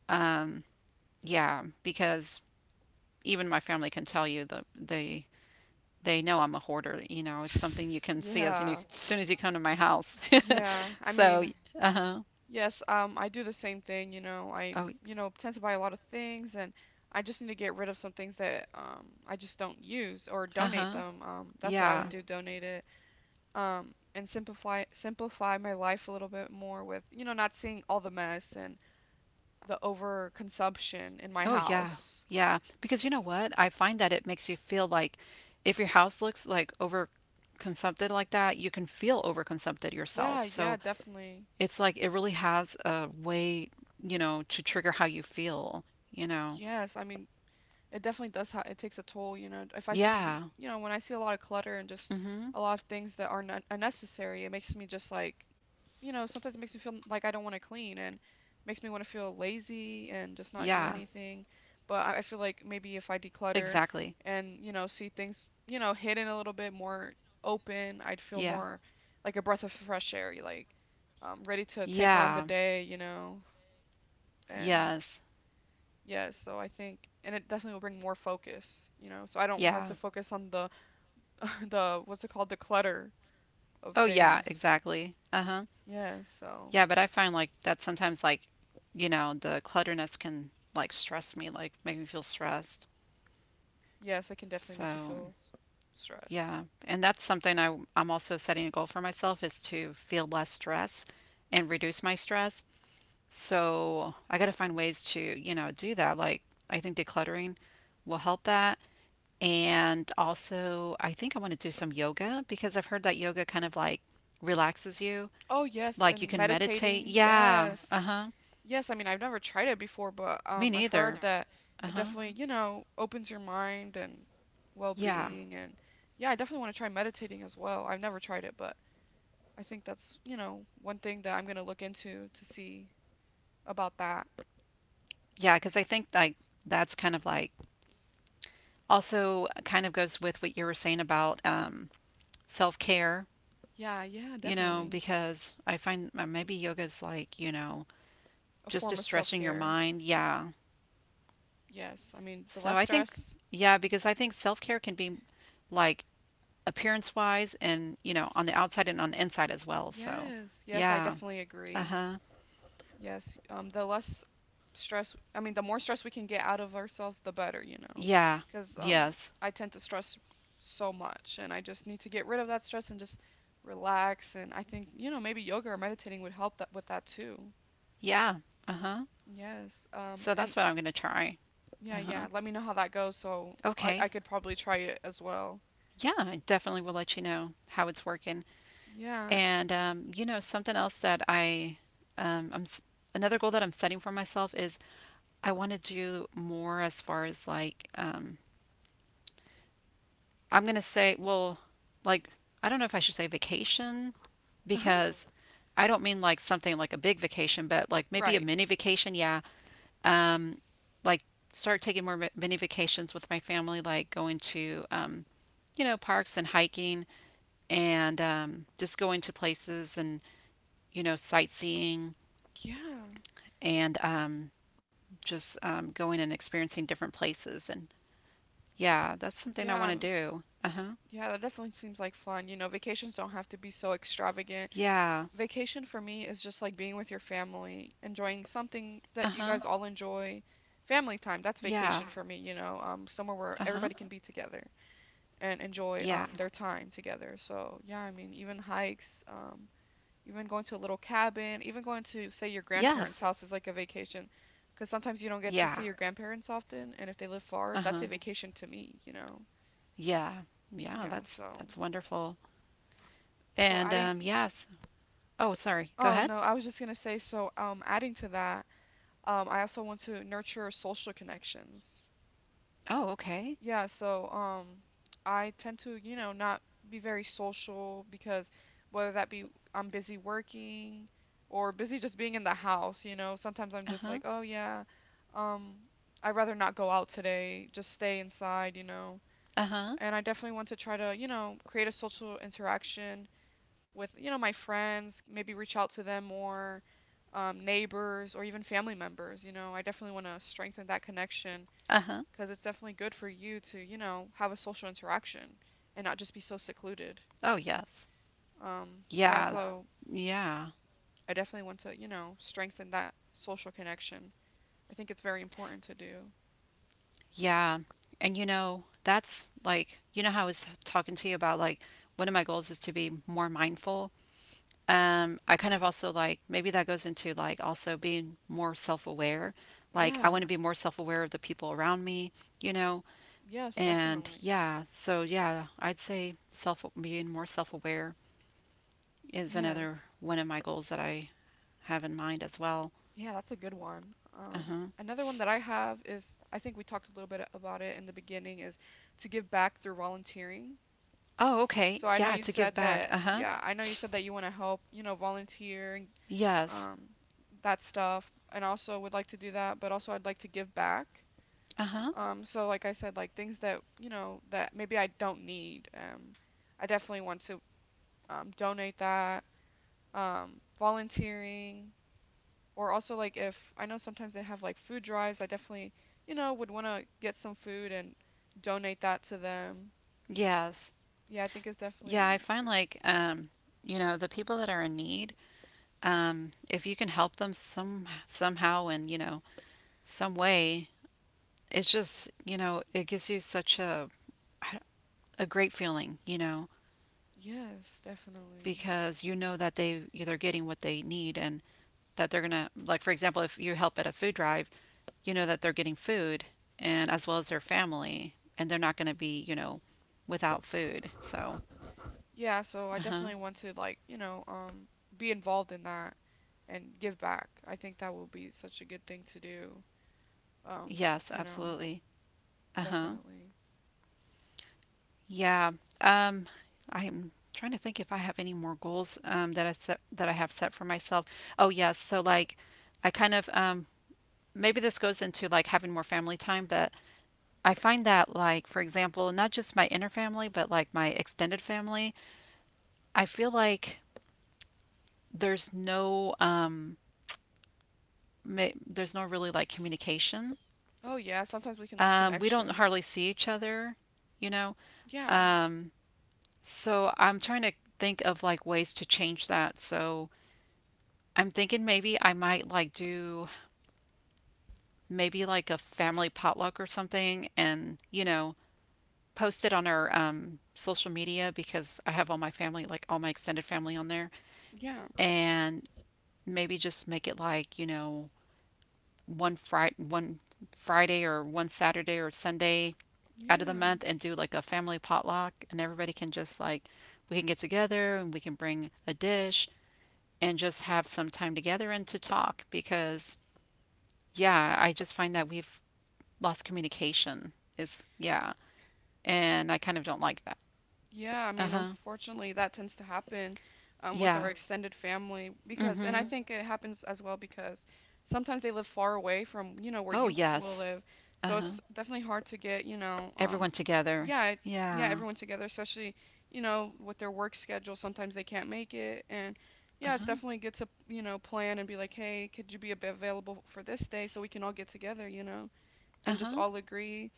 [SPEAKER 1] Um, yeah, because even my family can tell you the the they know I'm a hoarder. You know, it's something you can see as you as
[SPEAKER 2] Yeah.
[SPEAKER 1] soon as you come to my house.
[SPEAKER 2] Yeah, I
[SPEAKER 1] so,
[SPEAKER 2] mean,
[SPEAKER 1] uh huh.
[SPEAKER 2] yes, um, I do the same thing, you know. I,
[SPEAKER 1] Oh,
[SPEAKER 2] you know, tend to buy a lot of things and I just need to get rid of some things that um I just don't use or
[SPEAKER 1] uh
[SPEAKER 2] donate
[SPEAKER 1] huh.
[SPEAKER 2] them. Um, that's what I
[SPEAKER 1] Yeah.
[SPEAKER 2] would do, donate it. Um, and simplify simplify my life a little bit more with, you know, not seeing all the mess and the overconsumption in my
[SPEAKER 1] Oh, yeah.
[SPEAKER 2] house.
[SPEAKER 1] yeah. Because you know
[SPEAKER 2] S
[SPEAKER 1] what? I find that it makes you feel like if your house looks like over consumpted like that, you can feel overconsumpted
[SPEAKER 2] Yeah,
[SPEAKER 1] yourself.
[SPEAKER 2] yeah,
[SPEAKER 1] So
[SPEAKER 2] definitely.
[SPEAKER 1] it's like it really has a way, you know, to trigger how you feel, you know.
[SPEAKER 2] Yes, I mean, it definitely does ha it takes a toll, you know. If I see,
[SPEAKER 1] Yeah.
[SPEAKER 2] you know, when I see a lot of clutter and just
[SPEAKER 1] Mm-hmm.
[SPEAKER 2] a lot of things that are not unnecessary, it makes me just like, you know, sometimes it makes me feel like I don't want to clean, and makes me want to feel lazy and
[SPEAKER 1] Yeah.
[SPEAKER 2] just not do anything. But I I feel like maybe if I declutter
[SPEAKER 1] Exactly.
[SPEAKER 2] and, you know, see things, you know, hidden a little bit more open, I'd feel
[SPEAKER 1] Yeah.
[SPEAKER 2] more like a breath of fresh air, like um, ready to take on the, yeah,
[SPEAKER 1] Yeah.
[SPEAKER 2] day, you know, and. Yes.
[SPEAKER 1] Yes.
[SPEAKER 2] Yes, so I think, and it definitely will bring more focus, you know, so I don't have to, yes,
[SPEAKER 1] Yeah.
[SPEAKER 2] focus on the the, what's it called, the clutter of, oh yes,
[SPEAKER 1] Oh yeah,
[SPEAKER 2] things.
[SPEAKER 1] exactly. Uh-huh.
[SPEAKER 2] Yeah, so
[SPEAKER 1] Yeah, but I find like that sometimes like, you know, the clutterness can like stress me, like make me feel stressed.
[SPEAKER 2] yes, it can definitely make you
[SPEAKER 1] So,
[SPEAKER 2] feel stressed.
[SPEAKER 1] yeah. And that's something I I'm also setting a goal for myself is to feel less stress and reduce my stress. So, I got to find ways to, you know, do that. Like I think decluttering will help that. And also, I think I want to do some yoga because I've heard that yoga kind of like relaxes you.
[SPEAKER 2] Oh, yes,
[SPEAKER 1] Like you
[SPEAKER 2] and
[SPEAKER 1] can meditate?
[SPEAKER 2] meditating.
[SPEAKER 1] Yeah.
[SPEAKER 2] Yes.
[SPEAKER 1] Uh-huh.
[SPEAKER 2] Yes, I mean, I've never tried it before, but
[SPEAKER 1] Me
[SPEAKER 2] um I've heard
[SPEAKER 1] neither.
[SPEAKER 2] that it
[SPEAKER 1] Uh-huh.
[SPEAKER 2] definitely, you know, opens your mind and
[SPEAKER 1] Yeah.
[SPEAKER 2] well-being, and yeah, I definitely want to try meditating as well. I've never tried it, but I think that's, you know, one thing that I'm going to look into to see about that.
[SPEAKER 1] yeah. Because I think like that's kind of like also kind of goes with what you were saying about um self-care,
[SPEAKER 2] Yeah, yeah,
[SPEAKER 1] you know,
[SPEAKER 2] definitely.
[SPEAKER 1] because I find uh, maybe yoga's like, you know,
[SPEAKER 2] A
[SPEAKER 1] just
[SPEAKER 2] form of
[SPEAKER 1] distressing your
[SPEAKER 2] self-care.
[SPEAKER 1] mind. Yeah.
[SPEAKER 2] Yes, I mean, the
[SPEAKER 1] So
[SPEAKER 2] less
[SPEAKER 1] I think
[SPEAKER 2] stress.
[SPEAKER 1] yeah, because I think self-care can be like appearance-wise and, you know, on the outside and on the inside as well. So,
[SPEAKER 2] Yes, yes, I
[SPEAKER 1] yeah.
[SPEAKER 2] definitely agree.
[SPEAKER 1] Uh-huh.
[SPEAKER 2] Yes, um, the less stress, I mean, the more stress we can get out of ourselves, the better, you know
[SPEAKER 1] Yeah.
[SPEAKER 2] because um
[SPEAKER 1] Yes.
[SPEAKER 2] I tend to stress so much and I just need to get rid of that stress and just relax. And I think, you know maybe yoga or meditating would help that, with that too.
[SPEAKER 1] Yeah. Uh-huh.
[SPEAKER 2] Yes, um
[SPEAKER 1] So
[SPEAKER 2] and
[SPEAKER 1] that's what I'm going to try.
[SPEAKER 2] yeah,
[SPEAKER 1] Uh-huh.
[SPEAKER 2] yeah, let me know how that goes so i, I
[SPEAKER 1] Okay.
[SPEAKER 2] could probably try it as well.
[SPEAKER 1] Yeah, I definitely will let you know how it's working.
[SPEAKER 2] Yeah.
[SPEAKER 1] And um, you know, something else that I um, I'm s- another goal that I'm setting for myself is I want to do more as far as like um, I'm going to say, well, like I don't know if I should say vacation
[SPEAKER 2] Uh-huh.
[SPEAKER 1] because I don't mean like something like a big vacation, but like maybe a
[SPEAKER 2] Right.
[SPEAKER 1] mini vacation. Yeah, um, like start taking more mi- mini vacations with my family, like going to, um, you know, parks and hiking and um, just going to places and, you know, sightseeing
[SPEAKER 2] yeah
[SPEAKER 1] and um, just um, going and experiencing different places. And yeah, that's something I
[SPEAKER 2] yeah
[SPEAKER 1] want to
[SPEAKER 2] I'm-
[SPEAKER 1] do. Uh huh.
[SPEAKER 2] yeah, that definitely seems like fun. You know vacations don't have to be so extravagant.
[SPEAKER 1] Yeah.
[SPEAKER 2] Vacation for me is just like being with your family, enjoying
[SPEAKER 1] Uh
[SPEAKER 2] something
[SPEAKER 1] huh.
[SPEAKER 2] that you guys all enjoy. Family time, that's
[SPEAKER 1] Yeah.
[SPEAKER 2] vacation, yeah, for me, you know, um, somewhere
[SPEAKER 1] Uh
[SPEAKER 2] where
[SPEAKER 1] huh.
[SPEAKER 2] everybody can be together and enjoy,
[SPEAKER 1] Yeah.
[SPEAKER 2] um, yeah, their time together. So, yeah, I mean, even hikes, um, even going to a little cabin, even going to, say, your
[SPEAKER 1] Yes.
[SPEAKER 2] grandparents' house is like a vacation, because sometimes you don't get to
[SPEAKER 1] Yeah.
[SPEAKER 2] see, yeah, your grandparents often, and if they live
[SPEAKER 1] Uh
[SPEAKER 2] far,
[SPEAKER 1] huh.
[SPEAKER 2] that's a, yeah, vacation to me, you know.
[SPEAKER 1] Yeah. Yeah,
[SPEAKER 2] Yeah,
[SPEAKER 1] That's
[SPEAKER 2] so
[SPEAKER 1] that's wonderful.
[SPEAKER 2] so yeah,
[SPEAKER 1] And
[SPEAKER 2] adding,
[SPEAKER 1] um, yes. Oh, sorry. Go
[SPEAKER 2] oh
[SPEAKER 1] ahead.
[SPEAKER 2] no, I was just gonna say, so um adding to that. Um, I also want to nurture social connections.
[SPEAKER 1] Oh, okay.
[SPEAKER 2] Yeah, so um, I tend to, you know, not be very social because, whether that be I'm busy working or busy just being in the house, you know, sometimes I'm just like,
[SPEAKER 1] Uh-huh.
[SPEAKER 2] oh yeah, um, I'd rather not go out today, just stay inside, you know.
[SPEAKER 1] Uh-huh.
[SPEAKER 2] And I definitely want to try to, you know, create a social interaction with, you know my friends, maybe reach out to them more, um, neighbors or even family members. You know, I definitely want to strengthen that connection,
[SPEAKER 1] Uh-huh.
[SPEAKER 2] because it's definitely good for you to, you know have a social interaction and not just be so secluded.
[SPEAKER 1] Oh, yes.
[SPEAKER 2] Um,
[SPEAKER 1] Yeah.
[SPEAKER 2] yeah, yeah, so
[SPEAKER 1] Yeah.
[SPEAKER 2] I definitely want to, you know strengthen that social connection. I think it's very important to do.
[SPEAKER 1] Yeah. And you know, that's like, you know how I was talking to you about like one of my goals is to be more mindful. Um, I kind of also like maybe that goes into like also being more self-aware. Like I
[SPEAKER 2] Yeah.
[SPEAKER 1] want to be more self-aware of the people around me, you know.
[SPEAKER 2] Yes,
[SPEAKER 1] And
[SPEAKER 2] definitely.
[SPEAKER 1] yeah, so yeah, I'd say self being more self-aware is
[SPEAKER 2] Yes.
[SPEAKER 1] another one of my goals that I have in mind as well.
[SPEAKER 2] Yeah, that's a good one. Um,
[SPEAKER 1] Uh-huh.
[SPEAKER 2] Another one that I have is, I think we talked a little bit about it in the beginning, is to give back through volunteering.
[SPEAKER 1] Oh, okay.
[SPEAKER 2] So I know
[SPEAKER 1] Yeah,
[SPEAKER 2] you
[SPEAKER 1] to give
[SPEAKER 2] said
[SPEAKER 1] back.
[SPEAKER 2] that,
[SPEAKER 1] Uh-huh.
[SPEAKER 2] yeah, I know you said that you want to help, you know, volunteer and
[SPEAKER 1] Yes.
[SPEAKER 2] um, that stuff, and also would like to do that, but also I'd like to give back.
[SPEAKER 1] Uh-huh.
[SPEAKER 2] Um, so like I said, like things that, you know, that maybe I don't need. Um, I definitely want to, um, donate that, um, volunteering. Or also, like, if I know sometimes they have like food drives, I definitely, you know, would want to get some food and donate that to them.
[SPEAKER 1] Yes.
[SPEAKER 2] Yeah, I think it's
[SPEAKER 1] Yeah, I
[SPEAKER 2] definitely,
[SPEAKER 1] find like um, you know, the people that are in need, um, if you can help them some somehow and, you know, some way, it's just, you know, it gives you such a a great feeling, you know.
[SPEAKER 2] yes, definitely.
[SPEAKER 1] Because you know that they they're getting what they need and that they're gonna like, for example, if you help at a food drive, you know that they're getting food and as well as their family, and they're not gonna be, you know, without food. So
[SPEAKER 2] Yeah, so I
[SPEAKER 1] uh-huh,
[SPEAKER 2] definitely want to, like, you know, um be involved in that and give back. I think that will be such a good thing to do. Um, f-
[SPEAKER 1] yes,
[SPEAKER 2] you know,
[SPEAKER 1] absolutely. Uh-huh.
[SPEAKER 2] definitely.
[SPEAKER 1] Yeah. um I'm trying to think if I have any more goals um that i set that i have set for myself. Oh yes, so like I kind of um maybe this goes into like having more family time. But I find that, like, for example, not just my inner family, but like my extended family, I feel like there's no um ma there's no really like communication.
[SPEAKER 2] Oh yeah, sometimes we can lose
[SPEAKER 1] Um, we don't
[SPEAKER 2] connection.
[SPEAKER 1] hardly see each other, you know.
[SPEAKER 2] Yeah.
[SPEAKER 1] So I'm trying to think of like ways to change that. So I'm thinking maybe I might like do maybe like a family potluck or something and, you know, post it on our um social media because I have all my family, like all my extended family on there.
[SPEAKER 2] Yeah.
[SPEAKER 1] And maybe just make it like, you know, one Friday, one Friday or one Saturday or Sunday out of the
[SPEAKER 2] Yeah.
[SPEAKER 1] month and do like a family potluck, and everybody can just like we can get together and we can bring a dish and just have some time together and to talk because yeah, I just find that we've lost communication is yeah, and I kind of don't like that.
[SPEAKER 2] Yeah, I
[SPEAKER 1] Uh
[SPEAKER 2] mean,
[SPEAKER 1] huh.
[SPEAKER 2] unfortunately, that tends to happen, um, with
[SPEAKER 1] Yeah.
[SPEAKER 2] our extended family, because, and I
[SPEAKER 1] Mm-hmm.
[SPEAKER 2] hmm think it happens as well because sometimes they live far away from, you know, where
[SPEAKER 1] Oh
[SPEAKER 2] you will
[SPEAKER 1] yes.
[SPEAKER 2] live.
[SPEAKER 1] Uh
[SPEAKER 2] So
[SPEAKER 1] huh.
[SPEAKER 2] it's definitely hard to get, you know, um,
[SPEAKER 1] Everyone together.
[SPEAKER 2] yeah, it- yeah,
[SPEAKER 1] Yeah.
[SPEAKER 2] everyone together, especially, you know, with their work schedule, sometimes they can't make it. And yeah, it's
[SPEAKER 1] Uh
[SPEAKER 2] definitely good to, you know, plan and be like, hey, could you be ab- available for this day so we can all get together, you know, and just
[SPEAKER 1] huh.
[SPEAKER 2] all agree.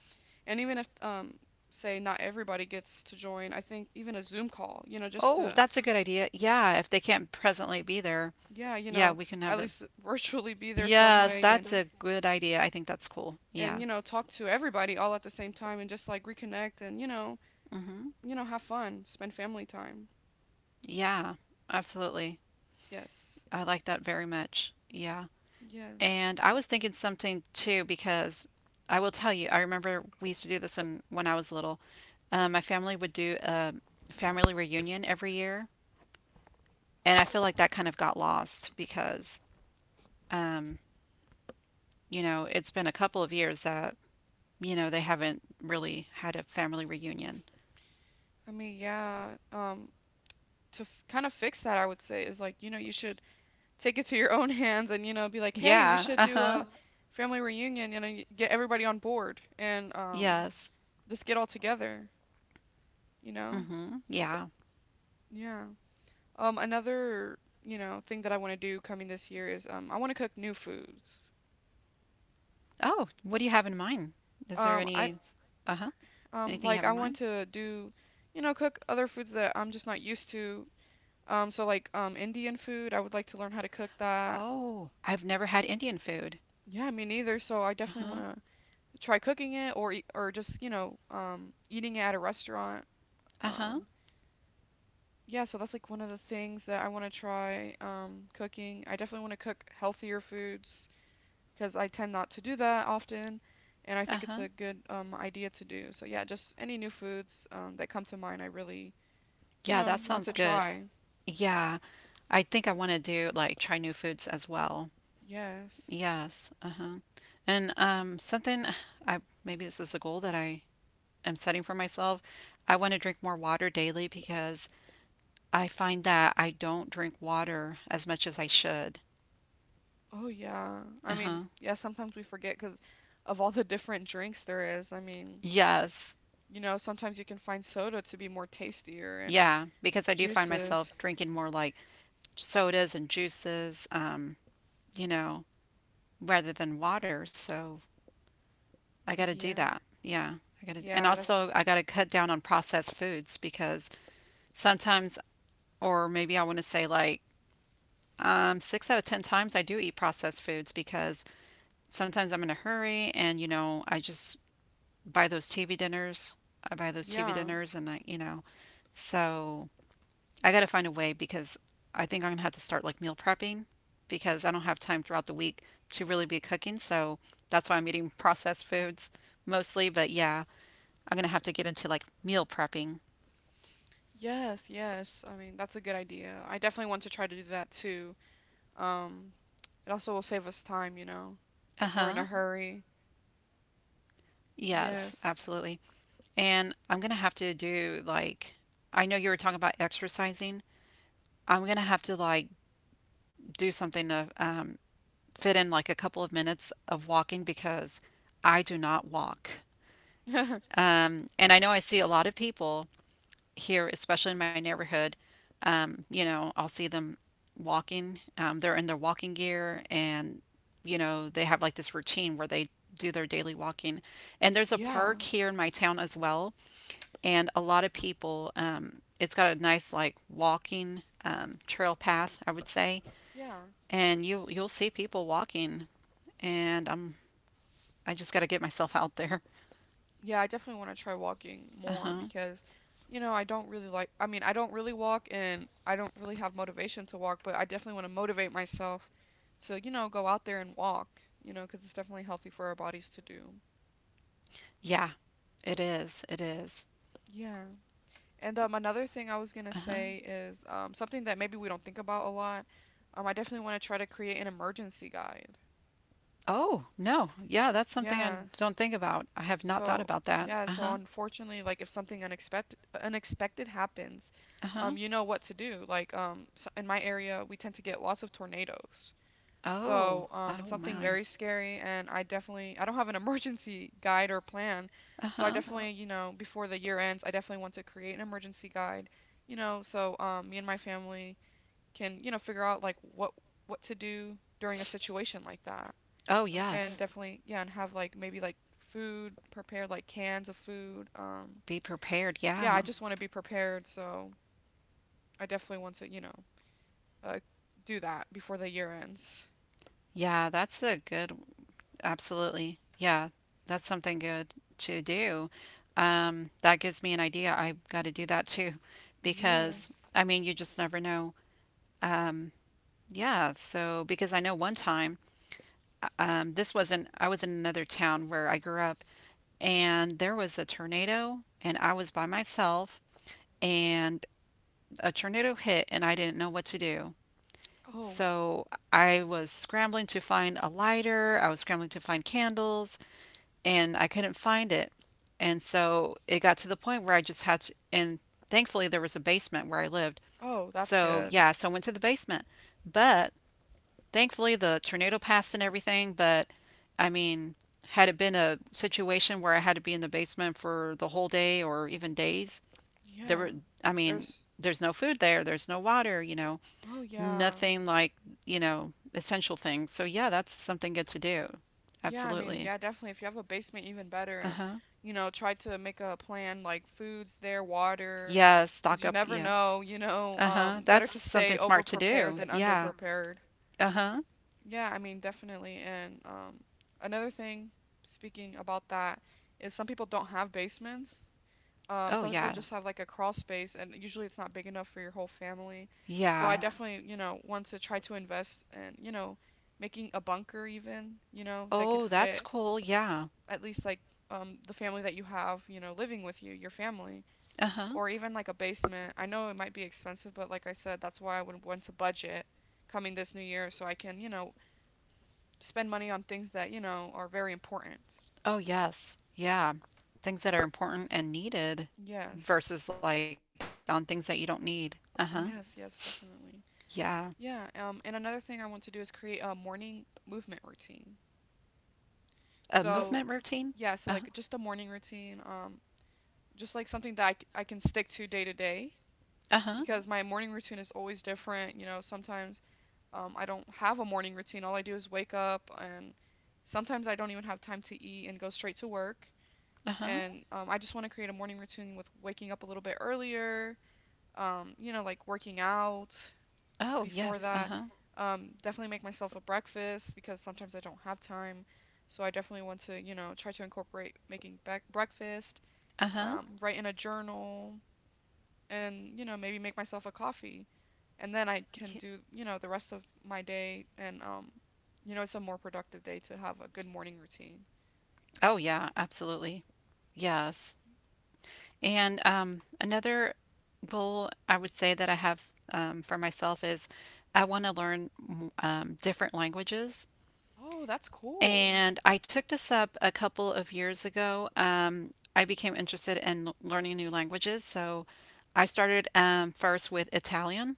[SPEAKER 2] And even if, um, say, not everybody gets to join, I think even a Zoom call, you know, just
[SPEAKER 1] Oh,
[SPEAKER 2] to,
[SPEAKER 1] that's a good idea. Yeah, if they can't presently be there,
[SPEAKER 2] yeah, you
[SPEAKER 1] yeah,
[SPEAKER 2] know,
[SPEAKER 1] we can have
[SPEAKER 2] at
[SPEAKER 1] it.
[SPEAKER 2] least virtually be there some
[SPEAKER 1] Yes,
[SPEAKER 2] way and
[SPEAKER 1] that's a good idea. I think that's cool.
[SPEAKER 2] and
[SPEAKER 1] Yeah.
[SPEAKER 2] you know talk to everybody all at the same time and just like reconnect and you know
[SPEAKER 1] Hmm.
[SPEAKER 2] you know have fun, spend family time.
[SPEAKER 1] Yeah, absolutely.
[SPEAKER 2] Yes,
[SPEAKER 1] I like that very much. Yeah.
[SPEAKER 2] yes,
[SPEAKER 1] And I was thinking something too, because I will tell you, I remember we used to do this when, when I was little. Um, my family would do a family reunion every year. And I feel like that kind of got lost because, um, you know, it's been a couple of years that, you know, they haven't really had a family reunion.
[SPEAKER 2] I mean, yeah, um to f- kind of fix that, I would say is, like, you know you should take it to your own hands, and, you know be like, hey, we
[SPEAKER 1] Yeah.
[SPEAKER 2] should
[SPEAKER 1] Uh
[SPEAKER 2] do
[SPEAKER 1] huh.
[SPEAKER 2] a family reunion. You know, get everybody on board, and um,
[SPEAKER 1] Yes.
[SPEAKER 2] just get all together. You
[SPEAKER 1] Mm
[SPEAKER 2] know,
[SPEAKER 1] hmm. Yeah.
[SPEAKER 2] yeah. Um, another you know thing that I want to do coming this year is, um, I want to cook new foods.
[SPEAKER 1] Oh, what do you have in mind? Is there
[SPEAKER 2] Um, I
[SPEAKER 1] any, uh huh,
[SPEAKER 2] um
[SPEAKER 1] anything you
[SPEAKER 2] like
[SPEAKER 1] have
[SPEAKER 2] I
[SPEAKER 1] in
[SPEAKER 2] want
[SPEAKER 1] mind?
[SPEAKER 2] to do, you know, cook other foods that I'm just not used to. Um, so like um Indian food, I would like to learn how to cook that.
[SPEAKER 1] Oh, I've never had Indian food.
[SPEAKER 2] Yeah, me neither. So I
[SPEAKER 1] Uh
[SPEAKER 2] definitely
[SPEAKER 1] huh.
[SPEAKER 2] want to try cooking it, or eat- or just, you know um, eating it at a restaurant.
[SPEAKER 1] Uh huh.
[SPEAKER 2] Um, yeah, so that's like one of the things that I want to try, um, cooking. I definitely want to cook healthier foods because I tend not to do that often, and I
[SPEAKER 1] Uh
[SPEAKER 2] think it's
[SPEAKER 1] huh.
[SPEAKER 2] a good, um, idea to do. So yeah, just any new foods, um, that come to mind, I really you
[SPEAKER 1] Yeah,
[SPEAKER 2] know
[SPEAKER 1] that
[SPEAKER 2] want to
[SPEAKER 1] sounds good.
[SPEAKER 2] try.
[SPEAKER 1] Yeah. I think I want to do like try new foods as well.
[SPEAKER 2] Yes.
[SPEAKER 1] Yes. Uh huh. And um, something I maybe this is a goal that I am setting for myself. I want to drink more water daily because I find that I don't drink water as much as I should.
[SPEAKER 2] Oh yeah. I mean,
[SPEAKER 1] Uh-huh.
[SPEAKER 2] yeah. Sometimes we forget because of all the different drinks there is. I mean,
[SPEAKER 1] Yes.
[SPEAKER 2] you know, sometimes you can find soda to be more tastier.
[SPEAKER 1] Yeah, because I do find
[SPEAKER 2] Juices.
[SPEAKER 1] myself drinking more like sodas and juices, um, you know, rather than water. So I got to do
[SPEAKER 2] Yeah.
[SPEAKER 1] that. Yeah. I got to, and
[SPEAKER 2] Yeah.
[SPEAKER 1] also
[SPEAKER 2] That's,
[SPEAKER 1] I got to cut down on processed foods because sometimes or maybe I want to say like um six out of ten times I do eat processed foods because sometimes I'm in a hurry and, you know, I just buy those T V dinners. I buy those T V
[SPEAKER 2] yeah.
[SPEAKER 1] dinners, and I, you know, so I got to find a way because I think I'm gonna have to start like meal prepping because I don't have time throughout the week to really be cooking. So that's why I'm eating processed foods mostly. But yeah, I'm gonna have to get into like meal prepping.
[SPEAKER 2] Yes, yes. I mean, that's a good idea. I definitely want to try to do that too. Um, it also will save us time, you know,
[SPEAKER 1] Uh
[SPEAKER 2] if we're in
[SPEAKER 1] huh.
[SPEAKER 2] a hurry.
[SPEAKER 1] Yes,
[SPEAKER 2] Yes.
[SPEAKER 1] absolutely. And I'm gonna have to do like I know you were talking about exercising. I'm gonna have to like do something to um, fit in like a couple of minutes of walking because I do not walk. Um, and I know I see a lot of people here, especially in my neighborhood. Um, you know, I'll see them walking. Um, they're in their walking gear and, you know, they have like this routine where they do their daily walking. And there's a
[SPEAKER 2] Yeah.
[SPEAKER 1] park here in my town as well. And a lot of people, um, it's got a nice like walking um, trail path, I would say.
[SPEAKER 2] Yeah.
[SPEAKER 1] And you you'll see people walking and I'm I just got to get myself out there.
[SPEAKER 2] Yeah, I definitely want to try walking
[SPEAKER 1] Uh
[SPEAKER 2] more
[SPEAKER 1] huh.
[SPEAKER 2] because, you know, I don't really like, I mean, I don't really walk and I don't really have motivation to walk, but I definitely want to motivate myself to, you know, go out there and walk, you know, because it's definitely healthy for our bodies to do.
[SPEAKER 1] Yeah, it is. It is.
[SPEAKER 2] Yeah. And um, another thing I was gonna
[SPEAKER 1] Uh huh.
[SPEAKER 2] say is, um, something that maybe we don't think about a lot. Um, I definitely want to try to create an emergency guide.
[SPEAKER 1] Oh, no. Yeah, that's something I don't
[SPEAKER 2] Yes.
[SPEAKER 1] think about. I have not thought
[SPEAKER 2] So,
[SPEAKER 1] about that.
[SPEAKER 2] yeah,
[SPEAKER 1] Uh huh.
[SPEAKER 2] so unfortunately, like if something unexpected unexpected happens,
[SPEAKER 1] Uh huh.
[SPEAKER 2] um, you know what to do. Like, um, so in my area, we tend to get lots of tornadoes.
[SPEAKER 1] Oh,
[SPEAKER 2] So, um, it's
[SPEAKER 1] oh
[SPEAKER 2] something
[SPEAKER 1] my.
[SPEAKER 2] very scary, and I definitely I don't have an emergency guide or plan.
[SPEAKER 1] Uh
[SPEAKER 2] So I, Uh,
[SPEAKER 1] huh.
[SPEAKER 2] definitely, you know, before the year ends, I definitely want to create an emergency guide, you know, so um, me and my family can, you know, figure out like what what to do during a situation like that,
[SPEAKER 1] Oh,
[SPEAKER 2] and
[SPEAKER 1] yes.
[SPEAKER 2] definitely, yeah, and have like maybe like food prepared, like cans of food, um
[SPEAKER 1] Be prepared.
[SPEAKER 2] yeah, I
[SPEAKER 1] Yeah.
[SPEAKER 2] just want to be prepared, so I definitely want to, you know uh, do that before the year ends.
[SPEAKER 1] Yeah, that's a good, absolutely. Yeah, that's something good to do. Um, that gives me an idea. I got to do that too because
[SPEAKER 2] Yes.
[SPEAKER 1] I mean, you just never know. Yeah, so because I know one time Um, this wasn't, I was in another town where I grew up, and there was a tornado, and I was by myself, and a tornado hit, and I didn't know what to do.
[SPEAKER 2] Oh.
[SPEAKER 1] So I was scrambling to find a lighter, I was scrambling to find candles, and I couldn't find it. And so it got to the point where I just had to, and thankfully there was a basement where I lived.
[SPEAKER 2] Oh, that's
[SPEAKER 1] So
[SPEAKER 2] good.
[SPEAKER 1] yeah, so I went to the basement. But thankfully, the tornado passed and everything, but I mean, had it been a situation where I had to be in the basement for the whole day or even days,
[SPEAKER 2] Yeah.
[SPEAKER 1] there
[SPEAKER 2] Yeah.
[SPEAKER 1] were, I mean,
[SPEAKER 2] There's,
[SPEAKER 1] there's no food there, there's no water, you know,
[SPEAKER 2] oh yeah.
[SPEAKER 1] nothing like, you know, essential things. So yeah, that's something good to do.
[SPEAKER 2] Yeah, I mean,
[SPEAKER 1] Absolutely.
[SPEAKER 2] yeah, definitely, if you have a basement even better, and
[SPEAKER 1] Uh-huh.
[SPEAKER 2] you know try to make a plan, like foods there, water,
[SPEAKER 1] Yeah,
[SPEAKER 2] because
[SPEAKER 1] stock
[SPEAKER 2] you
[SPEAKER 1] up.
[SPEAKER 2] never
[SPEAKER 1] Yeah.
[SPEAKER 2] know. You know. Oh, um
[SPEAKER 1] Uh-huh.
[SPEAKER 2] yeah, better
[SPEAKER 1] That's
[SPEAKER 2] to
[SPEAKER 1] something
[SPEAKER 2] stay over
[SPEAKER 1] smart to
[SPEAKER 2] prepared
[SPEAKER 1] do.
[SPEAKER 2] than under
[SPEAKER 1] Yeah.
[SPEAKER 2] prepared.
[SPEAKER 1] Uh-huh.
[SPEAKER 2] Yeah, I mean, definitely. And um, another thing, speaking about that, is some people don't have basements. Um,
[SPEAKER 1] Oh
[SPEAKER 2] some people
[SPEAKER 1] yeah.
[SPEAKER 2] just have like a crawl space, and usually it's not big enough for your whole family. So I
[SPEAKER 1] Yeah.
[SPEAKER 2] definitely, you know, want to try to invest in, you know, making a bunker even, you know, that could
[SPEAKER 1] Oh, that's
[SPEAKER 2] fit
[SPEAKER 1] cool. Yeah.
[SPEAKER 2] at least like um, the family that you have, you know, living with you, your family,
[SPEAKER 1] Uh-huh.
[SPEAKER 2] or even like a basement. I know it might be expensive, but like I said, that's why I would want to budget coming this new year so I can, you know, spend money on things that you know are very important.
[SPEAKER 1] Oh, yes. Yeah. Things that are important and needed
[SPEAKER 2] Yes.
[SPEAKER 1] versus like on things that you don't need. Uh-huh.
[SPEAKER 2] Yes, yes,
[SPEAKER 1] Yeah.
[SPEAKER 2] definitely. Yeah, um, and another thing I want to do is create a morning movement routine. Oh,
[SPEAKER 1] A movement
[SPEAKER 2] so,
[SPEAKER 1] routine?
[SPEAKER 2] yeah,
[SPEAKER 1] Uh-huh.
[SPEAKER 2] so like just a morning routine, um, just like something that I, c- I can stick to day to day. Hmm.
[SPEAKER 1] Uh-huh.
[SPEAKER 2] Because my morning routine is always different. You know, sometimes um, I don't have a morning routine. All I do is wake up, and sometimes I don't even have time to eat and go straight to work. Hmm.
[SPEAKER 1] Uh-huh.
[SPEAKER 2] And um, I just want to create a morning routine with waking up a little bit earlier, um, you know, like working out
[SPEAKER 1] Oh,
[SPEAKER 2] before
[SPEAKER 1] yes.
[SPEAKER 2] that.
[SPEAKER 1] Uh-huh.
[SPEAKER 2] Um, definitely make myself a breakfast because sometimes I don't have time. So I definitely want to, you know, try to incorporate making bec breakfast, mm-hmm,
[SPEAKER 1] Uh-huh.
[SPEAKER 2] um, write in a journal, and, you know, maybe make myself a coffee. And then I can do, you know, the rest of my day, and, um, you know, it's a more productive day to have a good morning routine.
[SPEAKER 1] Oh, yeah, absolutely. Yes. And um another goal I would say that I have um, for myself is I want to learn m- um, different languages.
[SPEAKER 2] Oh, that's cool.
[SPEAKER 1] And I took this up a couple of years ago. Um, I became interested in learning new languages. So I started um, first with Italian.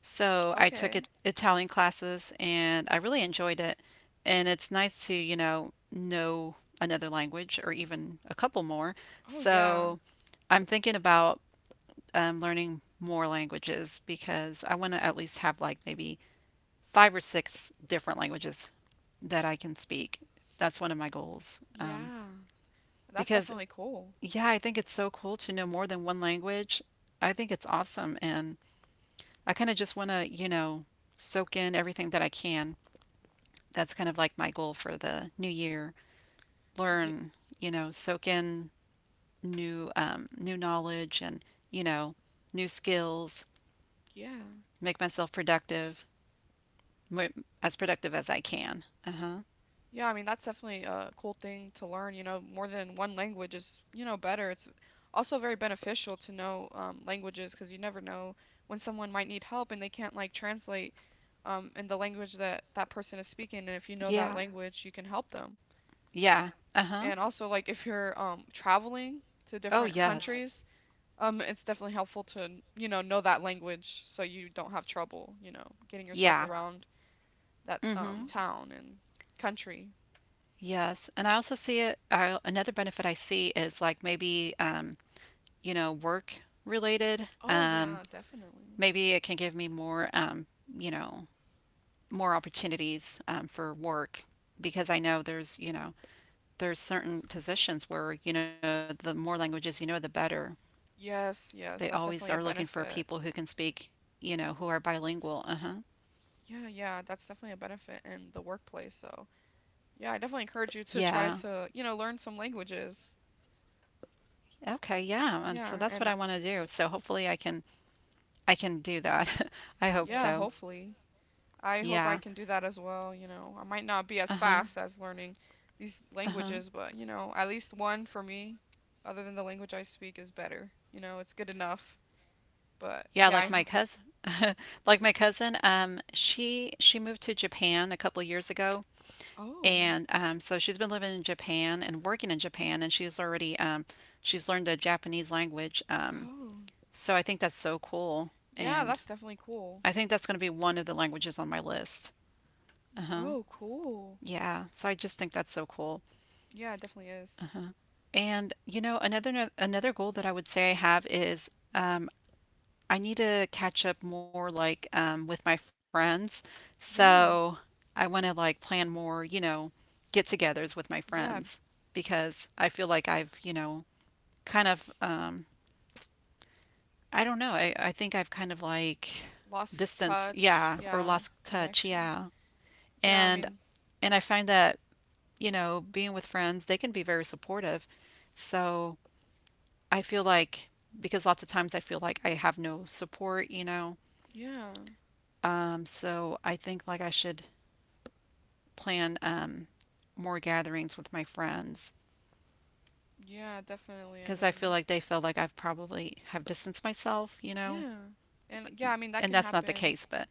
[SPEAKER 1] So I took
[SPEAKER 2] Okay.
[SPEAKER 1] it, Italian classes, and I really enjoyed it. And it's nice to, you know, know another language or even a couple more.
[SPEAKER 2] Oh, yeah.
[SPEAKER 1] So I'm thinking about um, learning more languages because I want to at least have like maybe five or six different languages that I can speak. That's one of my goals. Um,
[SPEAKER 2] Yeah. That's
[SPEAKER 1] because,
[SPEAKER 2] definitely cool.
[SPEAKER 1] yeah, I think it's so cool to know more than one language. I think it's awesome. And I kind of just want to, you know, soak in everything that I can. That's kind of like my goal for the new year.
[SPEAKER 2] Yeah,
[SPEAKER 1] Learn, you know, soak in new um, new knowledge and, you know, new skills,
[SPEAKER 2] yeah.
[SPEAKER 1] make myself productive, as productive as I can. Uh-huh.
[SPEAKER 2] Yeah, I mean, that's definitely a cool thing to learn. You know, more than one language is, you know, better. It's also very beneficial to know, um, languages, because you never know when someone might need help and they can't like translate, um, in the language that that person is speaking. And if you know that, yeah,
[SPEAKER 1] Yeah.
[SPEAKER 2] language, you can help them.
[SPEAKER 1] Yeah. Uh-huh.
[SPEAKER 2] And also, like, if you're, um, traveling to different,
[SPEAKER 1] Oh,
[SPEAKER 2] oh no,
[SPEAKER 1] yes.
[SPEAKER 2] countries, um, it's definitely helpful to, you know, know that language so you don't have trouble, you know, getting yourself, yeah,
[SPEAKER 1] Yeah.
[SPEAKER 2] around that, um,
[SPEAKER 1] Hmm.
[SPEAKER 2] town and country.
[SPEAKER 1] Yes. And I also see it. I, another benefit I see is like maybe, um, you know, work related.
[SPEAKER 2] Oh,
[SPEAKER 1] Um,
[SPEAKER 2] yeah, definitely.
[SPEAKER 1] maybe it can give me more, um, you know, more opportunities um, for work because I know there's, you know, there's certain positions where, you know, the more languages you know, the better.
[SPEAKER 2] Yes, yes,
[SPEAKER 1] They
[SPEAKER 2] that's
[SPEAKER 1] always
[SPEAKER 2] definitely a
[SPEAKER 1] are looking for
[SPEAKER 2] benefit.
[SPEAKER 1] people who can speak, you know, who are bilingual. Uh-huh.
[SPEAKER 2] Yeah, yeah, that's definitely a benefit in the workplace. So, yeah, I definitely encourage you to try
[SPEAKER 1] Yeah.
[SPEAKER 2] to, you know, learn some languages.
[SPEAKER 1] Okay, yeah. And so
[SPEAKER 2] Yeah,
[SPEAKER 1] that's what
[SPEAKER 2] and
[SPEAKER 1] I want to do. So hopefully I can I can do that. I hope
[SPEAKER 2] yeah,
[SPEAKER 1] so.
[SPEAKER 2] hopefully. I hope I
[SPEAKER 1] Yeah.
[SPEAKER 2] can do that as well, you know. I might not be as
[SPEAKER 1] Uh-huh.
[SPEAKER 2] fast as learning these
[SPEAKER 1] Uh-huh.
[SPEAKER 2] languages, but, you know, at least one for me, other than the language I speak, is better. You know, it's good enough. But
[SPEAKER 1] Yeah,
[SPEAKER 2] yeah,
[SPEAKER 1] like
[SPEAKER 2] I.
[SPEAKER 1] my cousin like my cousin, um, she she moved to Japan a couple years ago,
[SPEAKER 2] Oh.
[SPEAKER 1] and um so she's been living in Japan and working in Japan, and she's already um she's learned the Japanese language. Um,
[SPEAKER 2] Oh.
[SPEAKER 1] so I think that's so cool,
[SPEAKER 2] Yeah,
[SPEAKER 1] and
[SPEAKER 2] that's definitely cool.
[SPEAKER 1] I think that's going to be one of the languages on my list. Uh-huh.
[SPEAKER 2] Oh, cool.
[SPEAKER 1] Yeah. So I just think that's so cool.
[SPEAKER 2] Yeah, it definitely is.
[SPEAKER 1] And you know, another another goal that I would say I have is. um, I need to catch up more like um, with my friends.
[SPEAKER 2] Yeah.
[SPEAKER 1] So I want to like plan more, you know, get-togethers with my
[SPEAKER 2] Yeah.
[SPEAKER 1] friends because I feel like I've, you know, kind of. um, I don't know. I, I think I've kind of like
[SPEAKER 2] Lost
[SPEAKER 1] distance,
[SPEAKER 2] touch.
[SPEAKER 1] yeah, or
[SPEAKER 2] Yeah.
[SPEAKER 1] lost touch,
[SPEAKER 2] Connection.
[SPEAKER 1] yeah.
[SPEAKER 2] Yeah, I
[SPEAKER 1] And
[SPEAKER 2] mean,
[SPEAKER 1] and I find that, you know, being with friends, they can be very supportive. So I feel like because lots of times I feel like I have no support, you know.
[SPEAKER 2] yeah.
[SPEAKER 1] Um, so I think like I should plan um, more gatherings with my friends
[SPEAKER 2] Yeah, definitely. I
[SPEAKER 1] because I feel
[SPEAKER 2] mean,
[SPEAKER 1] like they feel like I've probably have distanced myself, you know.
[SPEAKER 2] yeah. And yeah, I mean, that
[SPEAKER 1] And
[SPEAKER 2] can
[SPEAKER 1] that's not the
[SPEAKER 2] happen.
[SPEAKER 1] case, but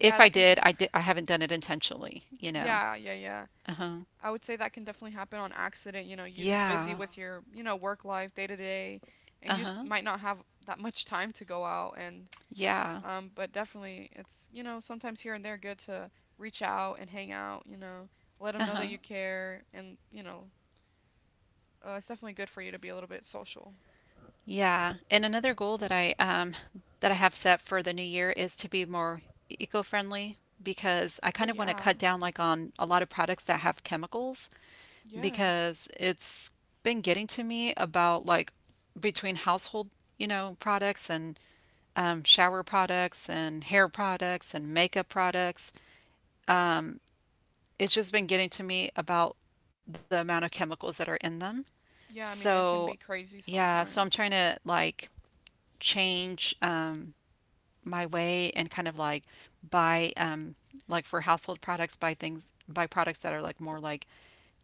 [SPEAKER 1] if I
[SPEAKER 2] that can.
[SPEAKER 1] did, I did I haven't done it intentionally, you know.
[SPEAKER 2] Yeah, yeah, yeah.
[SPEAKER 1] Uh-huh.
[SPEAKER 2] I would say that can definitely happen on accident. You know, you're just busy
[SPEAKER 1] Yeah.
[SPEAKER 2] with your, you know, work life, day to day, and you just
[SPEAKER 1] Uh-huh.
[SPEAKER 2] might not have that much time to go out and.
[SPEAKER 1] Yeah.
[SPEAKER 2] Um, but definitely, it's, you know, sometimes here and there good to reach out and hang out, you know, let them know that
[SPEAKER 1] Uh-huh.
[SPEAKER 2] you care. And, you know, uh, it's definitely good for you to be a little bit social.
[SPEAKER 1] Yeah. And another goal that I um that I have set for the new year is to be more eco-friendly because I
[SPEAKER 2] Oh,
[SPEAKER 1] kind of want to
[SPEAKER 2] yeah.
[SPEAKER 1] cut down like on a lot of products that have chemicals,
[SPEAKER 2] Yes.
[SPEAKER 1] because it's been getting to me about like between household, you know, products and um, shower products and hair products and makeup products. It's just been getting to me about the amount of chemicals that are in them.
[SPEAKER 2] Yeah, I mean, it
[SPEAKER 1] So,
[SPEAKER 2] can be crazy
[SPEAKER 1] yeah, so I'm trying
[SPEAKER 2] sometimes,
[SPEAKER 1] to like change. Um, my way and kind of like buy um like for household products, buy things buy products that are like more like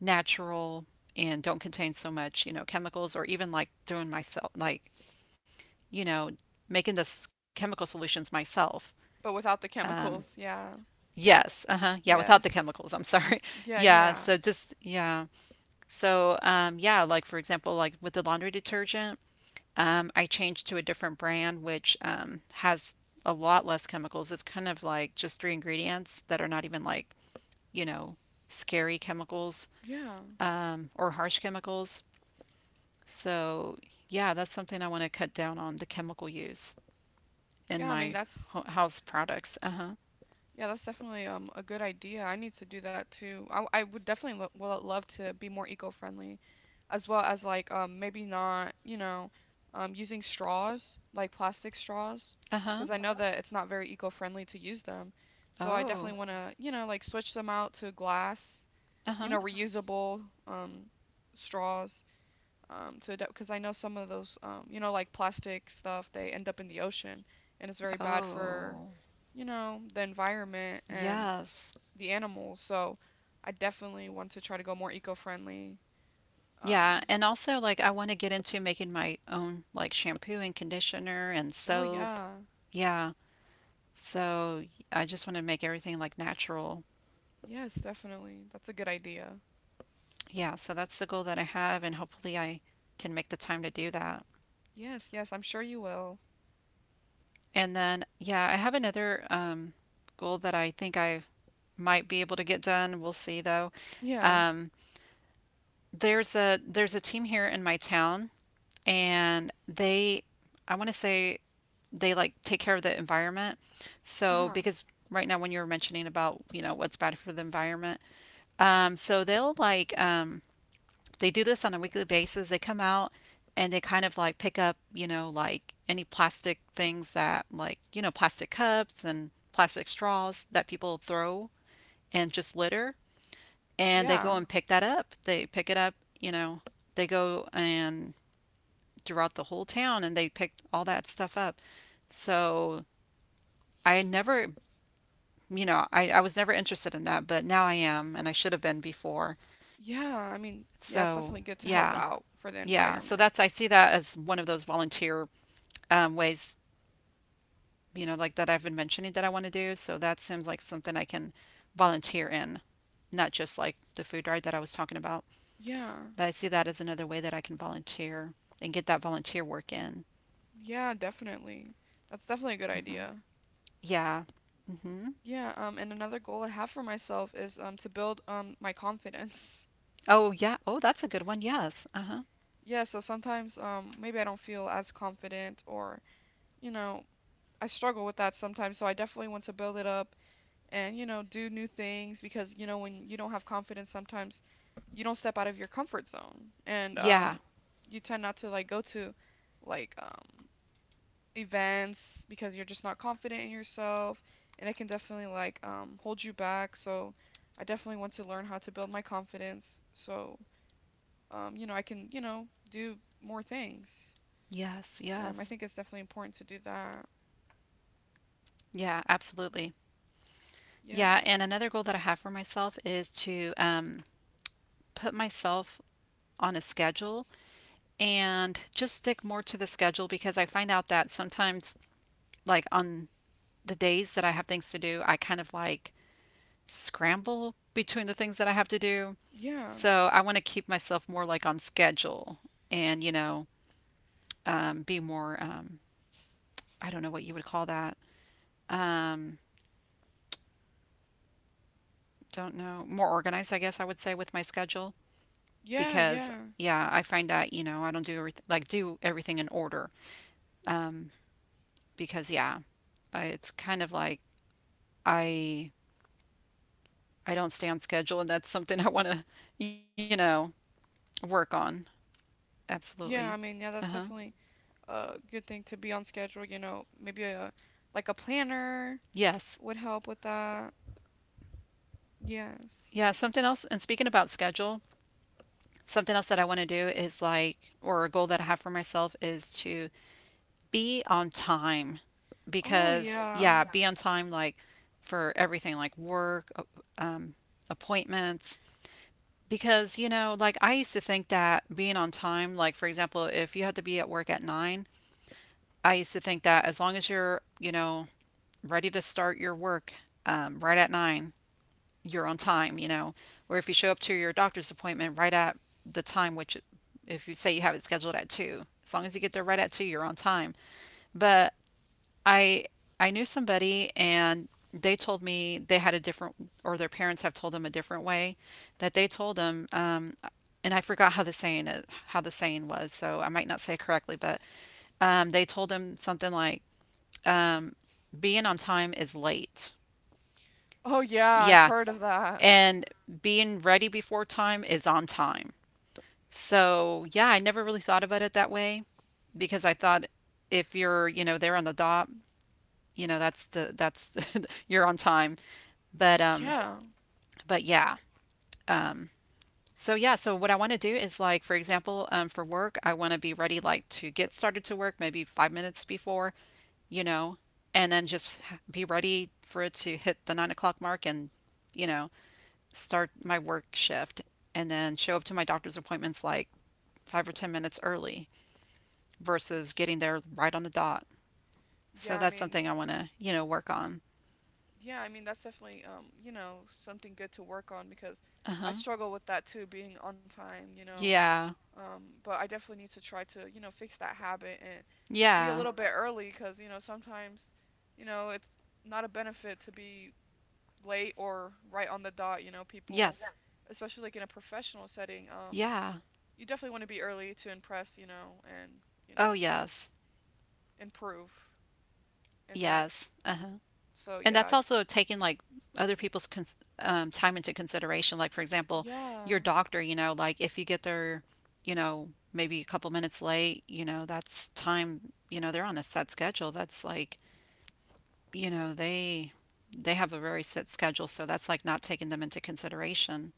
[SPEAKER 1] natural and don't contain so much you know chemicals, or even like doing myself like you know making those chemical solutions myself.
[SPEAKER 2] but without the chemicals. Yeah.
[SPEAKER 1] Yes. Uh-huh. Yeah, without the
[SPEAKER 2] Yes.
[SPEAKER 1] chemicals, I'm sorry.
[SPEAKER 2] Yeah,
[SPEAKER 1] Yeah,
[SPEAKER 2] yeah.
[SPEAKER 1] so just yeah. So um yeah, like for example, like with the laundry detergent. Um, I changed to a different brand, which um, has a lot less chemicals. It's kind of like just three ingredients that are not even like, you know, scary chemicals
[SPEAKER 2] Yeah.
[SPEAKER 1] um, or harsh chemicals. So, yeah, that's something I want to cut down on, the chemical use in
[SPEAKER 2] Yeah, I mean,
[SPEAKER 1] my
[SPEAKER 2] that's,
[SPEAKER 1] ho- house products. Uh huh.
[SPEAKER 2] yeah, that's definitely um a good idea. I need to do that too. I, I would definitely lo well, love to be more eco-friendly, as well as like um maybe not, you know, um using straws, like plastic straws,
[SPEAKER 1] Uh huh.
[SPEAKER 2] because I know that it's not very eco-friendly to use them. So I definitely,
[SPEAKER 1] Oh.
[SPEAKER 2] uh-huh, want to, you know, like switch them out to glass,
[SPEAKER 1] Uh
[SPEAKER 2] you
[SPEAKER 1] huh.
[SPEAKER 2] know, reusable um straws um to, because I know some of those um you know like plastic stuff they end up in the ocean, and it's very bad for,
[SPEAKER 1] Oh.
[SPEAKER 2] you know, the environment and
[SPEAKER 1] Yes.
[SPEAKER 2] the animals. So I definitely want to try to go more eco-friendly. um,
[SPEAKER 1] Yeah, and also like I want to get into making my own like shampoo and conditioner and
[SPEAKER 2] oh
[SPEAKER 1] soap.
[SPEAKER 2] yeah.
[SPEAKER 1] Yeah, so I just want to make everything like natural.
[SPEAKER 2] Yes, definitely. That's a good idea.
[SPEAKER 1] Yeah, so that's the goal that I have, and hopefully I can make the time to do that.
[SPEAKER 2] Yes, yes, I'm sure you will.
[SPEAKER 1] And then, yeah, I have another um, goal that I think I might be able to get done. We'll see though.
[SPEAKER 2] Yeah.
[SPEAKER 1] Um, there's a there's a team here in my town, and they, I want to say, they like take care of the environment. So
[SPEAKER 2] Uh-huh.
[SPEAKER 1] because right now when you were mentioning about you know what's bad for the environment, um, so they'll like um, they do this on a weekly basis. They come out and they kind of like pick up, you know, like any plastic things that, like, you know, plastic cups and plastic straws that people throw and just litter. And they go
[SPEAKER 2] Yeah.
[SPEAKER 1] and pick that up. They pick it up, you know, they go and throughout the whole town and they pick all that stuff up. So I never, you know, I, I was never interested in that, but now I am, and I should have been before.
[SPEAKER 2] Yeah, I mean, yeah,
[SPEAKER 1] So
[SPEAKER 2] it's definitely good to
[SPEAKER 1] yeah,
[SPEAKER 2] help out for the
[SPEAKER 1] yeah. So
[SPEAKER 2] environment.
[SPEAKER 1] that's, I see that as one of those volunteer um, ways, you know, like that I've been mentioning that I want to do. So that seems like something I can volunteer in, not just like the food ride that I was talking about.
[SPEAKER 2] Yeah.
[SPEAKER 1] But I see that as another way that I can volunteer and get that volunteer work in.
[SPEAKER 2] Yeah, definitely. That's definitely a good
[SPEAKER 1] Hmm.
[SPEAKER 2] idea.
[SPEAKER 1] Yeah. Hmm.
[SPEAKER 2] Yeah, um, and another goal I have for myself is um to build um my confidence.
[SPEAKER 1] Oh, yeah. Oh, that's a good one. Yes. Uh-huh.
[SPEAKER 2] Yeah, so sometimes um maybe I don't feel as confident or, you know, I struggle with that sometimes, so I definitely want to build it up and you know do new things, because you know when you don't have confidence sometimes you don't step out of your comfort zone, and
[SPEAKER 1] Yeah.
[SPEAKER 2] um you tend not to like go to like um events because you're just not confident in yourself, and it can definitely like um hold you back. So I definitely want to learn how to build my confidence so, um you know I can, you know do more things.
[SPEAKER 1] Yes.
[SPEAKER 2] um I
[SPEAKER 1] Yes.
[SPEAKER 2] think it's definitely important to do that.
[SPEAKER 1] Yeah, absolutely. Yeah, and
[SPEAKER 2] Yes.
[SPEAKER 1] another goal that I have for myself is to um, put myself on a schedule and just stick more to the schedule, because I find out that sometimes, like on the days that I have things to do, I kind of like scramble between the things that I have to do.
[SPEAKER 2] Yeah,
[SPEAKER 1] So I want to keep myself more like on schedule and, you know, um, be more, um, I don't know what you would call that. Um, don't know, more organized, I guess I would say, with my schedule,
[SPEAKER 2] yeah,
[SPEAKER 1] because,
[SPEAKER 2] yeah,
[SPEAKER 1] yeah, I find that, you know, I don't do everything, like, do everything in order. Um, because, yeah, I- it's kind of like I I don't stay on schedule, and that's something I want to, you know, work on. Absolutely.
[SPEAKER 2] yeah. I mean, yeah,
[SPEAKER 1] Uh
[SPEAKER 2] that's
[SPEAKER 1] huh.
[SPEAKER 2] definitely a good thing to be on schedule, you know, maybe a like a planner
[SPEAKER 1] Yes.
[SPEAKER 2] would help with that.
[SPEAKER 1] Yeah.
[SPEAKER 2] Yes.
[SPEAKER 1] Something else, and speaking about schedule, something else that I want to do is like, or a goal that I have for myself is to be on time,
[SPEAKER 2] Oh
[SPEAKER 1] because,
[SPEAKER 2] yeah.
[SPEAKER 1] yeah, be on time like for everything, like work, uh, um, appointments. Because, you know, like I used to think that being on time, like for example, if you had to be at work at nine, I used to think that as long as you're, you know, ready to start your work um, right at nine, you're on time, you know. Or if you show up to your doctor's appointment right at the time, which if you say you have it scheduled at two, as long as you get there right at two, you're on time. But I I knew somebody and they told me they had a different, or their parents have told them a different way, that they told them um and I forgot how the saying is, how the saying was, so I might not say it correctly, but um they told them something like being on time is late.
[SPEAKER 2] Oh yeah, I've
[SPEAKER 1] Yeah,
[SPEAKER 2] heard of that.
[SPEAKER 1] and being ready before time is on time. So, yeah, I never really thought about it that way because I thought if you're, you know, there on the dot, you know that's the that's you're on time but um
[SPEAKER 2] Yeah.
[SPEAKER 1] but yeah. So yeah, so what I want to do is like for example, um, for work I want to be ready like to get started to work maybe five minutes before, you know and then just h- be ready for it to hit the nine o'clock mark and you know start my work shift, and then show up to my doctor's appointments like five or ten minutes early versus getting there right on the dot. So
[SPEAKER 2] Yeah, I
[SPEAKER 1] that's
[SPEAKER 2] mean,
[SPEAKER 1] something I want to you know work on.
[SPEAKER 2] yeah, I mean that's definitely um, you know, something good to work on because I
[SPEAKER 1] Uh-huh.
[SPEAKER 2] struggle with that too, being on time, you know.
[SPEAKER 1] Yeah.
[SPEAKER 2] Um, but I definitely need to try to, you know, fix that habit and be a
[SPEAKER 1] Yeah.
[SPEAKER 2] little bit early because, you know, sometimes, you know, it's not a benefit to be late or right on the dot, you know, people,
[SPEAKER 1] Yes.
[SPEAKER 2] especially like in a professional setting, um,
[SPEAKER 1] Yeah.
[SPEAKER 2] you definitely want to be early to impress, you know, and, you
[SPEAKER 1] Oh,
[SPEAKER 2] know,
[SPEAKER 1] yes.
[SPEAKER 2] yeah. Improve in that.
[SPEAKER 1] Yes. Uh-huh.
[SPEAKER 2] So
[SPEAKER 1] And
[SPEAKER 2] yeah,
[SPEAKER 1] that's
[SPEAKER 2] I,
[SPEAKER 1] also taking like other people's cons um, time into consideration. Like, for example,
[SPEAKER 2] yeah.
[SPEAKER 1] your doctor, you know, like if you get there, you know, maybe a couple minutes late, you know, that's time, you know, they're on a set schedule. That's like, you know, they they have a very set schedule, so that's like not taking them into consideration.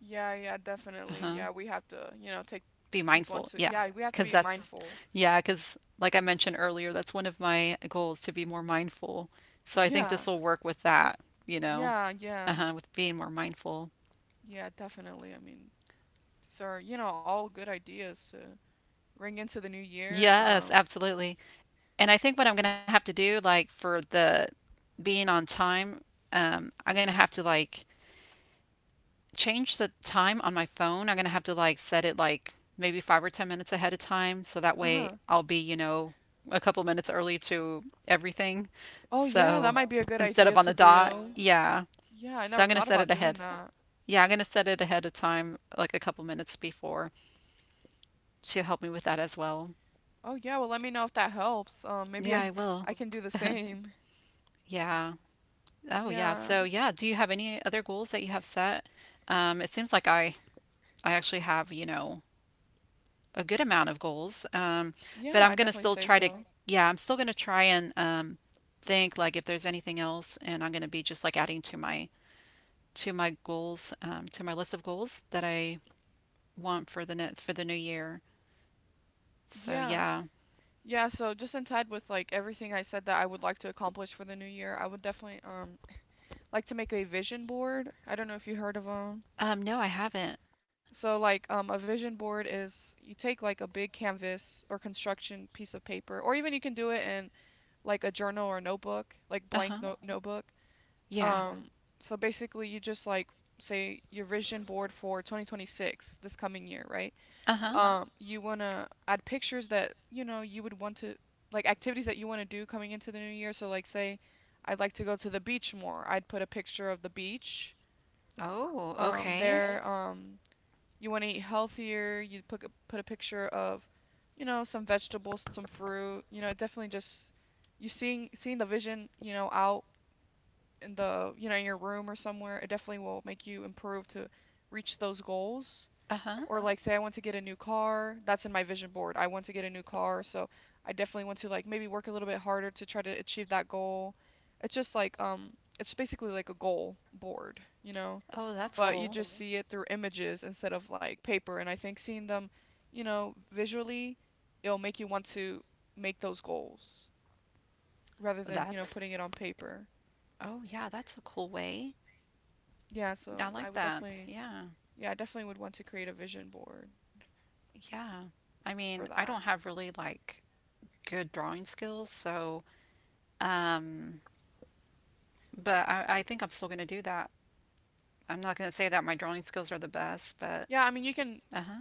[SPEAKER 2] Yeah, yeah, definitely.
[SPEAKER 1] Uh-huh.
[SPEAKER 2] Yeah, we have to, you know, take
[SPEAKER 1] Be
[SPEAKER 2] people
[SPEAKER 1] mindful.
[SPEAKER 2] into,
[SPEAKER 1] Yeah.
[SPEAKER 2] yeah, we have to
[SPEAKER 1] Because
[SPEAKER 2] be
[SPEAKER 1] that's,
[SPEAKER 2] mindful.
[SPEAKER 1] yeah, because like I mentioned earlier, that's one of my goals, to be more mindful. So I think
[SPEAKER 2] Yeah,
[SPEAKER 1] this will work with that, you know,
[SPEAKER 2] yeah, yeah,
[SPEAKER 1] uh-huh, with being more mindful.
[SPEAKER 2] yeah, definitely. I mean, these are, you know, all good ideas to bring into the new year.
[SPEAKER 1] Yes,
[SPEAKER 2] Um,
[SPEAKER 1] absolutely. And I think what I'm gonna have to do, like for the being on time, um, I'm gonna have to like change the time on my phone. I'm going to have to like set it like maybe five or ten minutes ahead of time. So that way
[SPEAKER 2] uh-huh.
[SPEAKER 1] I'll be, you know, a couple minutes early to everything.
[SPEAKER 2] Oh yeah, that
[SPEAKER 1] So
[SPEAKER 2] might be a good
[SPEAKER 1] instead of
[SPEAKER 2] idea
[SPEAKER 1] on
[SPEAKER 2] to
[SPEAKER 1] the dot,
[SPEAKER 2] do.
[SPEAKER 1] yeah.
[SPEAKER 2] Yeah, I
[SPEAKER 1] So
[SPEAKER 2] never
[SPEAKER 1] I'm going to
[SPEAKER 2] thought
[SPEAKER 1] set it
[SPEAKER 2] about doing
[SPEAKER 1] ahead.
[SPEAKER 2] that.
[SPEAKER 1] Yeah, I'm going to set it ahead of time, like a couple minutes before to help me with that as well.
[SPEAKER 2] Oh yeah, well let me know if that helps. Um, maybe
[SPEAKER 1] Yeah, I
[SPEAKER 2] I
[SPEAKER 1] will.
[SPEAKER 2] I can do the same.
[SPEAKER 1] Yeah. Oh, yeah.
[SPEAKER 2] Yeah.
[SPEAKER 1] So, yeah, do you have any other goals that you have set? Um, it seems like I I actually have, you know, a good amount of goals. Um,
[SPEAKER 2] Yeah,
[SPEAKER 1] but I'm
[SPEAKER 2] I
[SPEAKER 1] gonna
[SPEAKER 2] definitely
[SPEAKER 1] still
[SPEAKER 2] say
[SPEAKER 1] try to,
[SPEAKER 2] so.
[SPEAKER 1] yeah, I'm still gonna try and um, think like if there's anything else, and I'm gonna be just like adding to my to my goals, um, to my list of goals that I want for the net for the new year. So
[SPEAKER 2] Yeah.
[SPEAKER 1] yeah.
[SPEAKER 2] Yeah, so just in tied with like everything I said that I would like to accomplish for the new year, I would definitely um like to make a vision board. I don't know if you heard of them.
[SPEAKER 1] Um, no, I haven't.
[SPEAKER 2] So like um a vision board is you take like a big canvas or construction piece of paper, or even you can do it in like a journal or notebook, like
[SPEAKER 1] Uh huh.
[SPEAKER 2] blank note notebook.
[SPEAKER 1] Yeah.
[SPEAKER 2] Um, so basically, you just like say your vision board for twenty twenty-six, this coming year, right?
[SPEAKER 1] Uh huh.
[SPEAKER 2] Um, you wanna add pictures that you know you would want to, like activities that you want to do coming into the new year. So like say, I'd like to go to the beach more. I'd put a picture of the beach.
[SPEAKER 1] Oh,
[SPEAKER 2] Um,
[SPEAKER 1] okay.
[SPEAKER 2] there. Okay. Um, you want to eat healthier. You put a- put a picture of, you know, some vegetables, some fruit. You know, it definitely just you seeing seeing the vision, you know, out in the, you know, in your room or somewhere, it definitely will make you improve to reach those goals.
[SPEAKER 1] Uh huh.
[SPEAKER 2] Or like say I want to get a new car, that's in my vision board. I want to get a new car, so I definitely want to like maybe work a little bit harder to try to achieve that goal. It's just like um it's basically like a goal board, you know,
[SPEAKER 1] Oh, that's
[SPEAKER 2] but you
[SPEAKER 1] cool.
[SPEAKER 2] just see it through images instead of like paper, and I think seeing them, you know, visually, it'll make you want to make those goals rather than, you know,
[SPEAKER 1] That's,
[SPEAKER 2] putting it on paper.
[SPEAKER 1] oh, yeah, that's a cool way.
[SPEAKER 2] Yeah,
[SPEAKER 1] I
[SPEAKER 2] so I
[SPEAKER 1] like
[SPEAKER 2] would
[SPEAKER 1] that.
[SPEAKER 2] definitely,
[SPEAKER 1] Yeah.
[SPEAKER 2] yeah, I definitely would want to create a vision board for
[SPEAKER 1] Yeah.
[SPEAKER 2] that.
[SPEAKER 1] I mean, I don't have really like good drawing skills. So, um, but I, I think I'm still going to do that. I'm not going to say that my drawing skills are the best,
[SPEAKER 2] Yeah,
[SPEAKER 1] but
[SPEAKER 2] I mean, you can,
[SPEAKER 1] uh huh.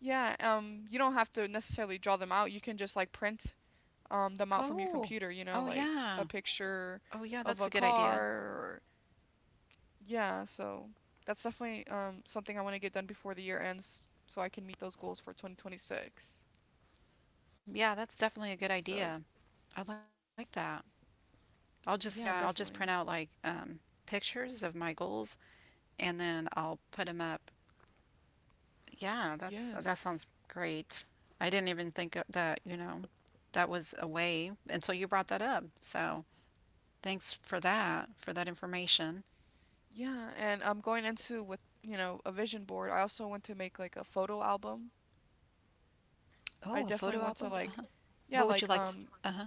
[SPEAKER 2] yeah, um, you don't have to necessarily draw them out. You can just like print um them out from your
[SPEAKER 1] Oh,
[SPEAKER 2] computer, you know,
[SPEAKER 1] oh
[SPEAKER 2] like a
[SPEAKER 1] yeah.
[SPEAKER 2] picture
[SPEAKER 1] Oh yeah,
[SPEAKER 2] of
[SPEAKER 1] that's
[SPEAKER 2] a
[SPEAKER 1] a good
[SPEAKER 2] car
[SPEAKER 1] idea.
[SPEAKER 2] or yeah, so that's definitely um something I want to get done before the year ends so I can meet those goals for twenty twenty-six.
[SPEAKER 1] Yeah, that's definitely a good
[SPEAKER 2] So,
[SPEAKER 1] idea. I like that. I'll just, yeah, I'll
[SPEAKER 2] yeah,
[SPEAKER 1] just print out
[SPEAKER 2] definitely.
[SPEAKER 1] like um, pictures of my goals and then I'll put them up. Yeah, that's that sounds
[SPEAKER 2] Yes.
[SPEAKER 1] great. I didn't even think of that, you know, that was a way until you brought that up. So, thanks for that, for that information.
[SPEAKER 2] Yeah, and I'm going into with, you know, a vision board. I also want to make like a photo album.
[SPEAKER 1] Oh,
[SPEAKER 2] I
[SPEAKER 1] a photo
[SPEAKER 2] definitely want to
[SPEAKER 1] album? Uh
[SPEAKER 2] like
[SPEAKER 1] huh.
[SPEAKER 2] yeah,
[SPEAKER 1] What would you
[SPEAKER 2] like
[SPEAKER 1] like to?
[SPEAKER 2] um
[SPEAKER 1] Uh huh.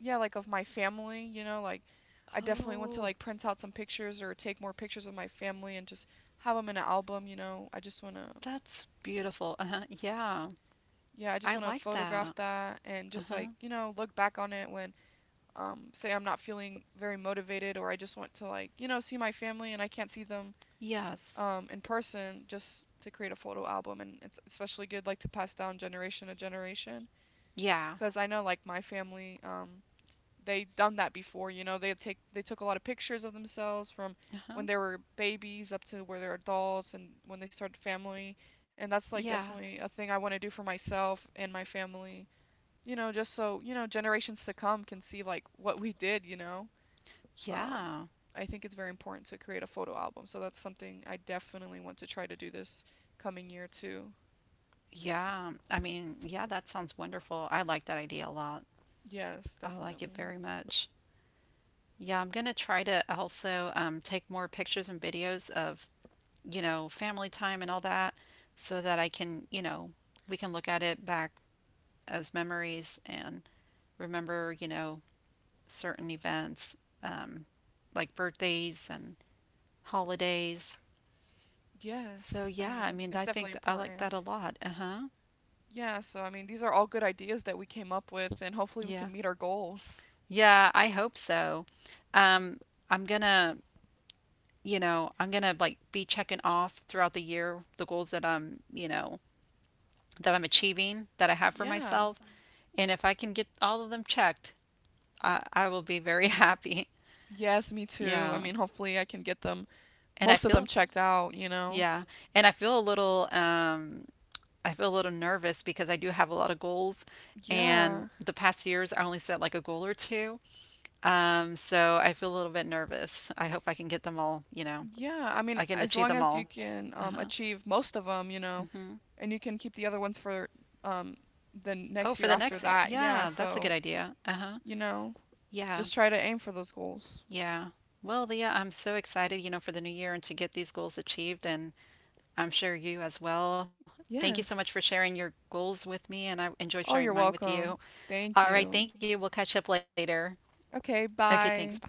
[SPEAKER 2] yeah, like of my family, you know. Like I definitely want to
[SPEAKER 1] Oh,
[SPEAKER 2] like print out some pictures or take more pictures of my family and just have them in an album, you know. I just want to,
[SPEAKER 1] that's beautiful. Uh huh. Yeah.
[SPEAKER 2] yeah, I just
[SPEAKER 1] I
[SPEAKER 2] want to
[SPEAKER 1] like that.
[SPEAKER 2] photograph that and
[SPEAKER 1] Uh
[SPEAKER 2] just
[SPEAKER 1] huh.
[SPEAKER 2] like, you know, look back on it when, um, say I'm not feeling very motivated or I just want to, like, you know, see my family and I can't see them,
[SPEAKER 1] Yes.
[SPEAKER 2] um, in person. Just to create a photo album, and it's especially good like to pass down generation to generation,
[SPEAKER 1] Yeah.
[SPEAKER 2] because I know like my family, um, they've done that before. You know, they take they took a lot of pictures of themselves from
[SPEAKER 1] Uh huh.
[SPEAKER 2] when they were babies up to where they're adults and when they started family. And that's like
[SPEAKER 1] Yeah.
[SPEAKER 2] definitely a thing I want to do for myself and my family. You know, just so, you know, generations to come can see like what we did. You know, um,
[SPEAKER 1] Yeah.
[SPEAKER 2] I think it's very important to create a photo album. So that's something I definitely want to try to do this coming year too.
[SPEAKER 1] Yeah. I mean, yeah, that sounds wonderful. I like that idea a lot.
[SPEAKER 2] Yes,
[SPEAKER 1] I like it very
[SPEAKER 2] definitely.
[SPEAKER 1] much. Yeah, I'm gonna try to also um, take more pictures and videos of, you know, family time and all that, so that I can, you know, we can look at it back as memories and remember, you know, certain events, um, like birthdays and holidays. So
[SPEAKER 2] Yes, I
[SPEAKER 1] yeah, I
[SPEAKER 2] mean
[SPEAKER 1] mean,
[SPEAKER 2] it's
[SPEAKER 1] I think
[SPEAKER 2] definitely
[SPEAKER 1] th- I like
[SPEAKER 2] important.
[SPEAKER 1] that a lot. Uh huh.
[SPEAKER 2] Yeah, so I mean, these are all good ideas that we came up with, and hopefully we can
[SPEAKER 1] Yeah.
[SPEAKER 2] meet our goals.
[SPEAKER 1] Yeah, I hope so. Um, I'm gonna, you know, I'm gonna like be checking off throughout the year the goals that I'm, you know, that I'm achieving, that I have for
[SPEAKER 2] Yeah.
[SPEAKER 1] myself. And if I can get all of them checked, I, I will be very happy.
[SPEAKER 2] Yes, me too. I
[SPEAKER 1] Yeah.
[SPEAKER 2] mean, hopefully I can get them,
[SPEAKER 1] And I
[SPEAKER 2] most of them
[SPEAKER 1] feel,
[SPEAKER 2] checked out, you know?
[SPEAKER 1] yeah. And I feel a little, um, I feel a little nervous because I do have a lot of goals, and
[SPEAKER 2] Yeah.
[SPEAKER 1] the past years I only set like a goal or two. Um, so I feel a little bit nervous. I hope I can get them all, you know,
[SPEAKER 2] Yeah. I mean,
[SPEAKER 1] I can
[SPEAKER 2] as
[SPEAKER 1] achieve
[SPEAKER 2] long
[SPEAKER 1] them
[SPEAKER 2] as you
[SPEAKER 1] all.
[SPEAKER 2] can, um,
[SPEAKER 1] Uh-huh.
[SPEAKER 2] achieve most of them, you know,
[SPEAKER 1] Hmm.
[SPEAKER 2] and you can keep the other ones for, um, the
[SPEAKER 1] Oh,
[SPEAKER 2] next
[SPEAKER 1] for
[SPEAKER 2] year
[SPEAKER 1] the
[SPEAKER 2] after
[SPEAKER 1] next year.
[SPEAKER 2] that. Yeah,
[SPEAKER 1] Yeah, that's a
[SPEAKER 2] so,
[SPEAKER 1] good idea. Uh-huh.
[SPEAKER 2] you know,
[SPEAKER 1] Yeah.
[SPEAKER 2] just try to aim for those goals.
[SPEAKER 1] Yeah. Well, Leah, I'm so excited, you know, for the new year and to get these goals achieved, and I'm sure you as well. Thank you so much for
[SPEAKER 2] Yes.
[SPEAKER 1] sharing your goals with me, and I enjoyed
[SPEAKER 2] Oh,
[SPEAKER 1] sharing
[SPEAKER 2] you're
[SPEAKER 1] mine with you.
[SPEAKER 2] welcome.
[SPEAKER 1] All
[SPEAKER 2] Thank
[SPEAKER 1] right, thank you.
[SPEAKER 2] you.
[SPEAKER 1] We'll catch up later. Okay,
[SPEAKER 2] Okay,
[SPEAKER 1] thanks. Bye.
[SPEAKER 2] bye.